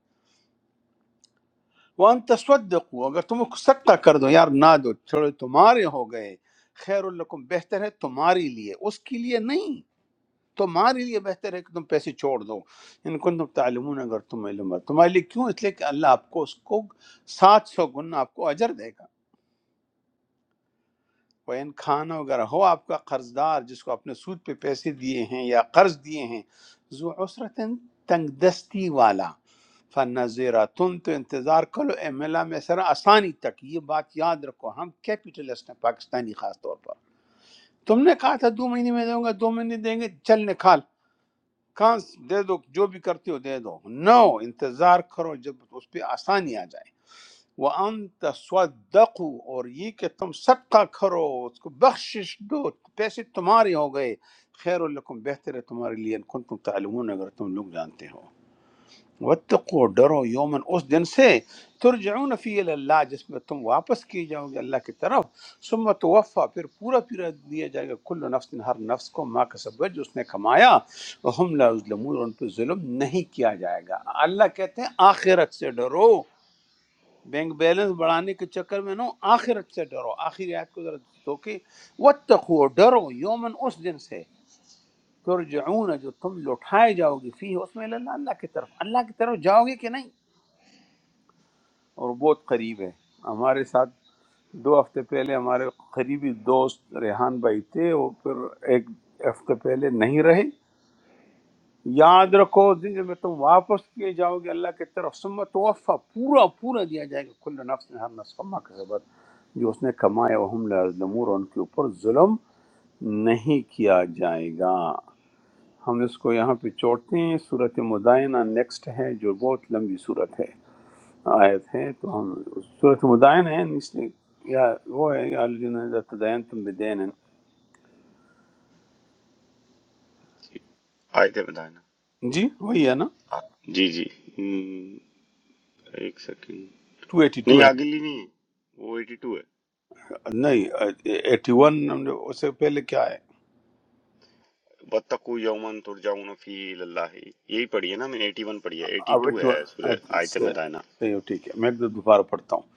A: وان تصدقوا اگر تم صدقہ کر دو یار نہ دو چھوڑو تمہارے ہو گئے خیر الکم بہتر ہے تمہارے لیے اس کے لیے نہیں تمہارے لیے بہتر ہے کہ تم پیسے چھوڑ دو ان کو تم تعلمون اگر تم علم ہے تمہارے لیے کیوں اس لیے کہ اللہ آپ کو اس کو سات سو گنا آپ کو اجر دے گا ان کھانا وغیرہ ہو آپ کا قرض دار جس کو آپ نے سود پہ پیسے دیے ہیں یا قرض دیے ہیں ذو عسرت تنگ دستی والا فنظیرہ تم تو انتظار کرو اے ملا میں سر آسانی تک یہ بات یاد رکھو ہم کیپیٹلسٹ ہیں پاکستانی خاص طور پر تم نے کہا تھا دو مہینے میں دوں گا دو مہینے دیں گے چل نکال کہاں دے دو جو بھی کرتے ہو دے دو نو انتظار کرو جب اس پہ آسانی آ جائے وَأَن تَصَدَّقُوا اور یہ کہ تم صدقہ کرو اس کو بخشش دو پیسے تمہارے ہو گئے خیر لکم بہتر ہے تمہارے لیے ان کن تم تعلمون اگر تم لوگ جانتے ہو وتقو ڈرو یومن اس دن سے ترجعون فی اللہ جس میں تم واپس کیے جاؤ گے اللہ کی طرف ثم توفا پھر پورا پورا دیا جائے گا کل نفس ہر نفس کو ما کسبت جو اس نے کمایا وهم لا یظلمون اور ان پہ ظلم نہیں کیا جائے گا اللہ کہتے ہیں آخرت سے ڈرو بینک بیلنس بڑھانے کے چکر میں نہ ہو، آخرت سے ڈرو آخری آیت کو ذرا دو کہ وتقو ڈرو یومن اس دن سے ترجعون جو تم لوٹائے جاؤ گے فی اس میں اللہ اللہ کی طرف اللہ کی طرف جاؤ گے کہ نہیں اور بہت قریب ہے ہمارے ساتھ دو ہفتے پہلے ہمارے قریبی دوست ریحان بھائی تھے وہ پھر ایک ہفتے پہلے نہیں رہے یاد رکھو اس دن جب میں تم واپس کیے جاؤ گے اللہ کی طرف سمت وفا پورا پورا دیا جائے گا کل نفس نے ہر نفس کو ما کسبت جو اس نے کمایا وہ ہم لا یظلمون اور ان کے اوپر ظلم نہیں کیا جائے گا ہم اس کو یہاں پہ چھوڑتے ہیں صورت مدائنہ نیکسٹ ہے جو بہت لمبی صورت ہے آیت ہے تو ہم صورت مدائن ہے اس لیے یا وہ ہے یا الذین اذا تداینتم بدین
I: जी, आए थे बताए ना
A: جی وہی ہے نا
I: आ- जी जी हम्म, एक सेकंड नहीं
A: 282 ہے
I: अगली नहीं है, वो 82 है
A: نہیں 81 ہم نے اس سے پہلے کیا ہے
I: बत्तकू यौमन तुरजाउन फी इल्लाह यही पढ़ी है ना मैंने 81 पढ़ी है
A: اب
I: 82 है सूर्य
A: 81
I: आयत
A: سے-
I: मैदाना
A: صحیح ہو، ٹھیک ہے میں ایک دو دوبارہ پڑھتا ہوں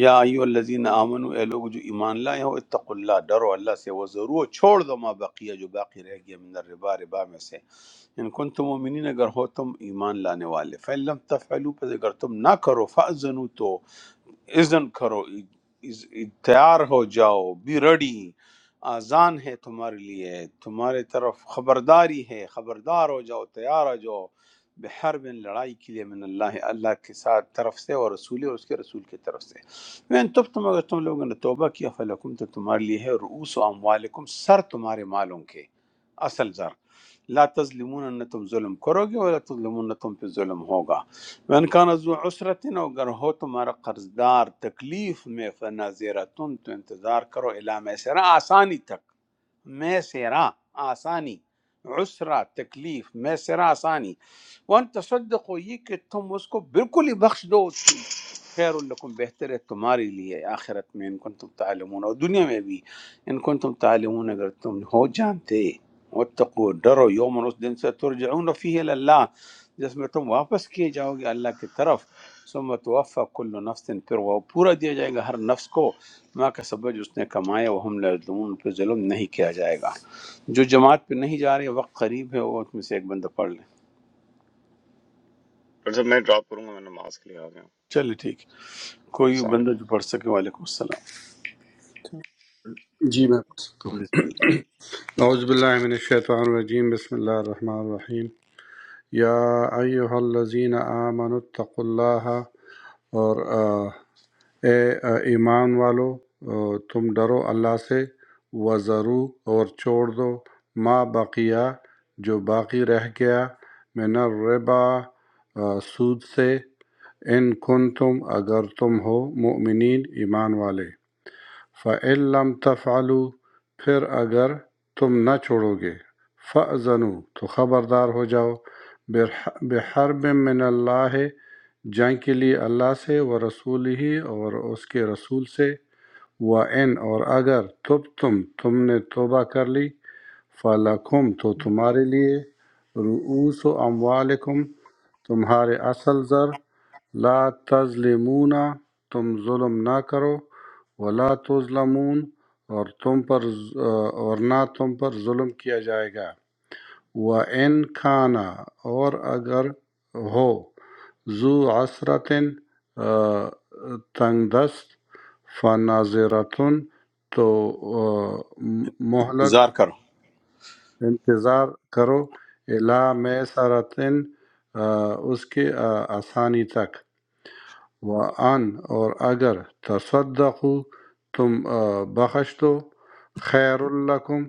A: یا
I: जी
A: ایو الذین آمنو اے لوگ جو ایمان لائے ہو اتقوا اللہ ڈرو اللہ سے وہ ضرور چھوڑ دو ما بقیہ جو باقی رہ گیا من الربا ربا میں سے ان کن تم مومنین اگر ہو تم ایمان لانے والے فَإِن لَمْ تفعلوا پس اگر تم نہ کرو فَأْذَنُوا تو اذن کرو از- تیار ہو جاؤ بی ریڈی آزان ہے تمہارے لیے تمہارے طرف خبرداری ہے خبردار ہو جاؤ تیار ہو جاؤ بحر بن لڑائی کے لیے من اللہ اللہ کے ساتھ طرف سے اور رسول اور اس کے رسول کی طرف سے میں تب تم اگر تم لوگوں نے توبہ کیا فلکم تو تمہارے لیے ہے رؤوس و اموالکم سر تمہارے مالوں کے اصل زر لا تظلمون نہ تم ظلم کرو گے اور لا تظلمون نہ تم پہ ظلم ہوگا من كان ذو عسرة وجرهتما رقذدار تكليف ما في النظيرة تنتظاركروا إلى مسيرة آسانةك مسيرة آساني عسرة تكليف مسيرة آساني وانتصدقوا يكتموسكو بِكُلِّ بَخْشٍ دوْتِ الخير لكم بِحَتَرِ التُّمَارِ لِيَهْ آخِرَةَ مِنْ كُنْتُمْ تَعْلَمُونَ وَالدُّنْيَا مَبِيَةَ إن كُنْتُمْ تَعْلَمُونَ عَنْ جَرَتُمْ لِهَوْجَانِ تَهِ وَتَقُوْدَ رَوْيَوْمَ رَسْدِنْ سَتُرْجَعُونَ فِيهِ لَلَّهَ جس میں تم واپس کیے جاؤ گے اللہ کی طرف ثم توفی کل نفس پھر وہ پورا دیا جائے گا ہر نفس کو ما کا سبج اس نے کمایا وہ ہم لظلم پہ ظلم نہیں کیا جائے گا جو جماعت پہ نہیں جا رہے وقت قریب ہے وہ اس میں سے ایک بندہ پڑھ لیں
I: डॉक्टर साहब मैं ड्रॉप करूंगा मैं नमाज के लिए आ गया
A: چلے ٹھیک ہے۔
I: ओके
A: کوئی
I: सलाम
A: بندہ
I: अलैकुम।
A: جو پڑھ سکے وعلیکم السلام
G: ہیں۔ جی میں پوچھ سکتا ہوں
A: بسم اللہ
G: اعوذ باللہ من الشیطان الرجیم بسم اللہ الرحمن الرحیم یا ایہا الذین آمنوا اتقوا اللہ اور آ، اے آ، ایمان والو آ، تم ڈرو اللہ سے وزرو اور چھوڑ دو ما بقیہ جو باقی رہ گیا من الربا آ، سود سے ان کن تم اگر تم ہو مؤمنین ایمان والے فَإِن لَم تَفْعَلُوا پھر اگر تم نہ چھوڑو گے فَأْذَنُوا تو خبردار ہو جاؤ بِحَرْبٍ مِّنَ اللَّہِ جنگ کے لیے اللہ سے وَرَسُولِهِ اور اس کے رسول سے وَإِنْ اور اگر تُبْتُمْ تم نے توبہ کر لی فَلَکُمْ تو تمہارے لیے رؤوس اموالکم تمہارے اصل زر لا تظلمون تم ظلم نہ کرو ولا تظلمون اور تم پر اور نہ تم پر ظلم کیا جائے گا وَإِنْ كَانَ اور اگر ہو ذو عسرتن تنگ دست فناظرتن تو آ، مہلت
A: انتظار کرو
G: انتظار کرو الا میسرتن اس کے آ، آسانی تک وان اور اگر تصدقو تم آ، بخش دو خیر الکم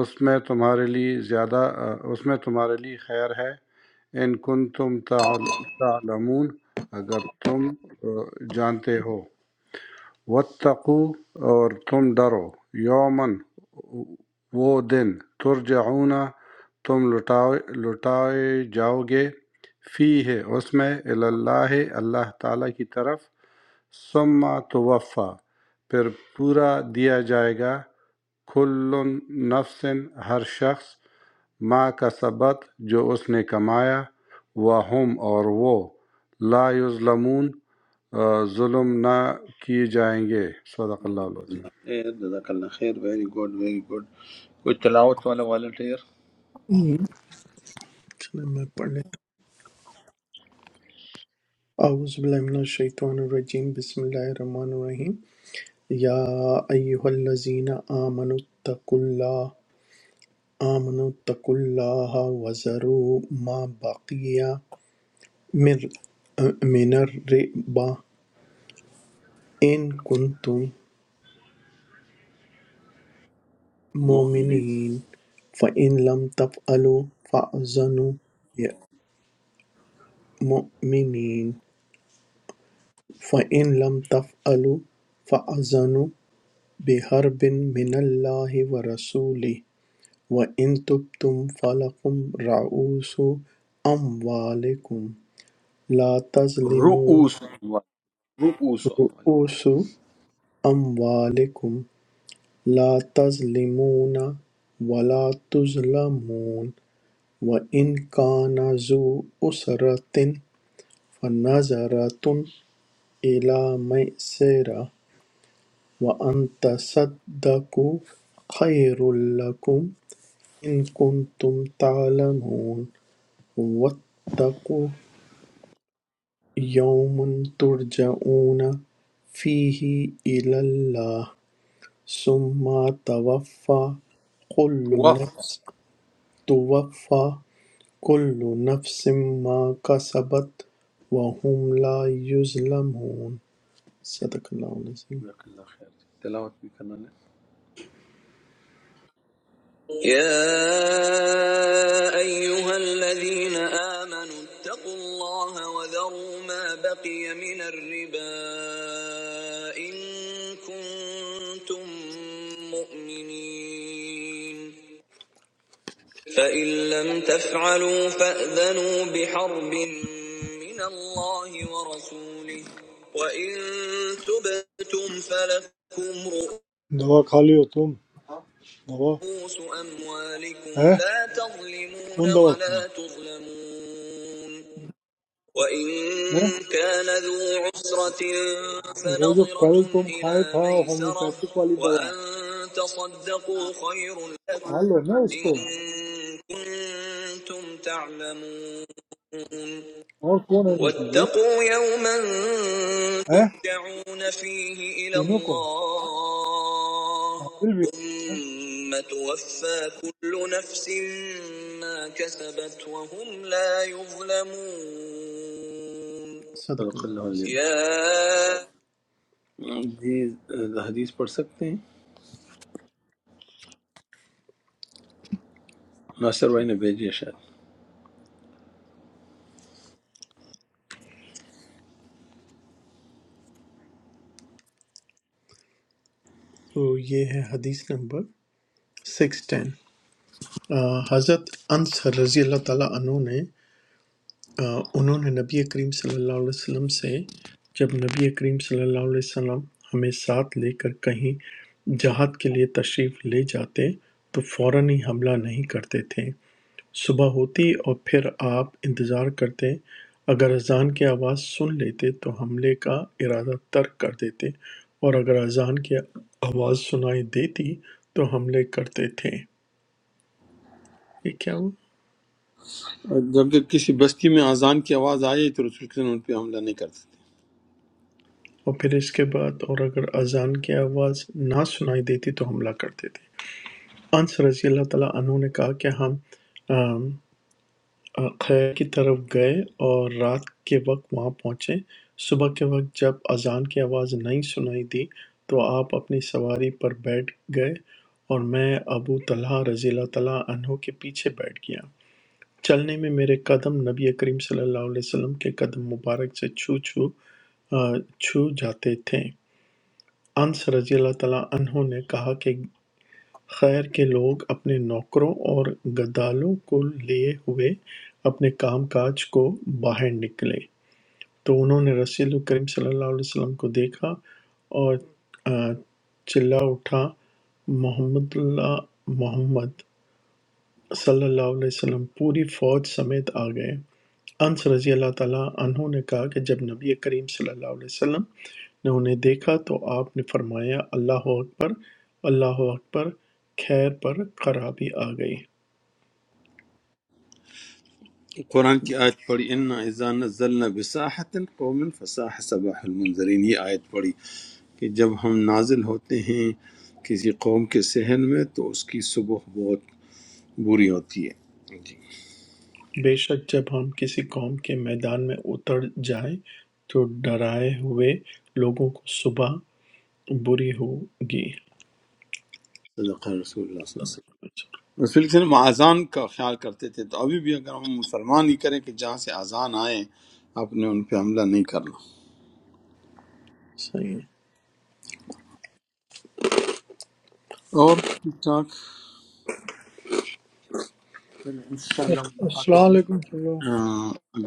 G: اس میں تمہارے لیے زیادہ آ، اس میں تمہارے لیے خیر ہے ان کن تم تعلمون اگر تم آ، جانتے ہو وَاتَّقُوا اور تم ڈرو یومن وہ دن ترجعون تم لٹائے لٹائے جاؤ گے فی ہے اس میں اللہ اللہ تعالیٰ کی طرف ثم توفی پھر پورا دیا جائے گا کل نفس ہر شخص ما کا سبت جو اس نے کمایا وہ ہم اور وہ لا یظلمون آ، ظلم نہ کیے جائیں گے صدق اللہ العظیم
A: خیر جزاک اللہ خیر ویری گڈ ویری گڈ کوئی تلاوت والا والنٹیئر
H: हम्म,
B: چلیں میں پڑھ لیتا ہوں۔ اعوذ باللہ من الشیطان الرجیم بسم اللہ الرحمن الرحیم یا ایھا الذین آمنوا اتقوا اللہ آمنوا اتقوا اللہ وذروا ما بقی من من الربا ان کنتم
A: مؤمنین
B: مؤمنین فإن لم تفعلوا فأذنوا مؤمنین فإن لم تفعلوا فأذنوا بحرب من اللہ ورسولہ وَإِن تُبْتُمْ فَلَكُمْ رُءُوسُ أَمْوَالِكُمْ لَا تَظْلِمُونَ
A: رؤوس رؤوس
B: رُءُوسُ أَمْوَالِكُمْ لَا تَظْلِمُونَ وَلَا تُظْلَمُونَ وَإِنْ كَانَ ذُو أُسْرَةٍ فَنَظَرَةٌ إِلَى مَيْسَرَةٍ وَأَنْ تَصَدَّقُوا خَيْرٌ لَكُمْ إِنْ كُنْتُمْ تَعْلَمُونَ وَاتَّقُوا يَوْمٌ تُرْجَعُونَ فِيهِ إِلَى اللَّهِ ثُمَّ تُوَفَّى كُلُّ نَفْسٍ تُوَفَّى كُلُّ نَفْسٍ مَا كَسَبَتْ وَهُمْ لَا يُظْلَمُونَ صدق اللہ العظیم
A: جزاک اللہ خیر تلاوت بھی کرنا ہے
B: يا أيها الذين آمنوا اتقوا الله وذروا ما بقي من الربا إن كنتم مؤمنين فإن لم تفعلوا فأذنوا بحرب من الله ورسوله وإن تبتم فلكم رؤوس
H: दवा खा लियो तुम दवा
B: رؤوس أموالكم
H: है
B: لا تظلمون
H: कौन दवा खाओ
B: ولا تظلمون وإن
H: है
B: كان ذو عسرة
H: वो जो कल
B: فنظرة
H: तुम खाए
B: إلى
H: था
B: ميسرة
H: होम्योपैथिक वाली दवा
B: وأن تصدقوا خير لكم
H: खा लो ना
B: إن
H: उसको
B: كنتم تعلمون
H: Or who are you?
B: واتقوا يوما ترجعون فيه إلى
H: Three of them.
B: الله
H: Ahamilbi.
B: ثم توفى كل نفس ما كسبت وهم لا يظلمون صدق
A: صدق
B: الله
A: اللہ
B: العظيم. يا
A: علیہ جی حدیث پڑھ سکتے ہیں ناصر بھائی نے بھیجی ہے
B: تو ये है हदीस नंबर 610 अ, हजरत अंस रजी अल्लाह ताला अनु ने آ، انہوں نے نبی کریم صلی اللہ علیہ وسلم سے جب نبی کریم صلی اللہ علیہ وسلم ہمیں ساتھ لے کر کہیں جہاد کے لیے تشریف لے جاتے تو فوراً ہی حملہ نہیں کرتے تھے صبح ہوتی اور پھر آپ انتظار کرتے اگر اذان کی آواز سن لیتے تو حملے کا ارادہ ترک کر دیتے اور اگر اذان کی آواز سنائی دیتی تو حملے کرتے تھے یہ کیا ہوا
A: شاید جبکہ کسی بستی میں اذان کی آواز آئی تو رسول کے ان پہ حملہ نہیں کرتے
B: اورپھر اس کے بعد اور اگر اذان کی آواز نہ سنائی دیتی تو حملہ کرتے تھے انس رضی اللہ تعالیٰ عنہ نے کہا کہ ہم آم، آ، خیر کی طرف گئے اور رات کے وقت وہاں پہنچے صبح کے وقت جب اذان کی آواز نہیں سنائی دی تو آپ اپنی سواری پر بیٹھ گئے اور میں ابو طلحہ رضی اللہ تعالیٰ عنہ کے پیچھے بیٹھ گیا چلنے میں میرے قدم نبی کریم صلی اللہ علیہ وسلم کے قدم مبارک سے چھو چھو آ، چھو جاتے تھے انس رضی اللہ تعالیٰ عنہ نے کہا کہ خیر کے لوگ اپنے نوکروں اور گدالوں کو لیے ہوئے اپنے کام کاج کو باہر نکلے تو انہوں نے رسول کریم صلی اللہ علیہ وسلم کو دیکھا اور آ، چلا اٹھا محمد اللہ محمد صلی اللہ علیہ وسلم پوری فوج سمیت آ گئے انس رضی اللہ تعالیٰ عنہ نے کہا کہ جب نبی کریم صلی اللہ علیہ وسلم نے انہیں دیکھا تو آپ نے فرمایا اللہ اکبر اللہ اکبر خیر پر خرابی آ گئی
A: تھے قرآن کی آیت پڑھی ان اذا نزلنا بساحت قوم فساح صباح المنظرین یہ آیت پڑھی کہ جب ہم نازل ہوتے ہیں کسی قوم کے صحن میں تو اس کی صبح بہت بری ہوتی ہے جی
B: بے شک جب ہم کسی قوم کے میدان میں اتر جائیں تو ڈرائے ہوئے لوگوں کو صبح بری ہوگی
A: صدق رسول اللہ صلی اللہ علیہ وسلم رسول اللہ صلی اللہ علیہ وسلم اذان کا خیال کرتے تھے تو ابھی بھی اگر ہم مسلمان ہی کریں کہ جہاں سے اذان آئے آپ نے ان پہ حملہ نہیں کرنا
B: صحیح ہے
A: اور ٹھیک ٹھاک پھر انشاءاللہ ملاقات ہوگی
H: Assalamu alaikum.
A: آہ،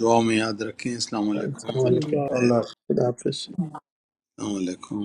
A: دعا میں یاد رکھیں السلام علیکم
B: السلام
A: اللہ
B: علیکم
A: حافظ۔
G: اللہ
B: خدا حافظ
A: السلام علیکم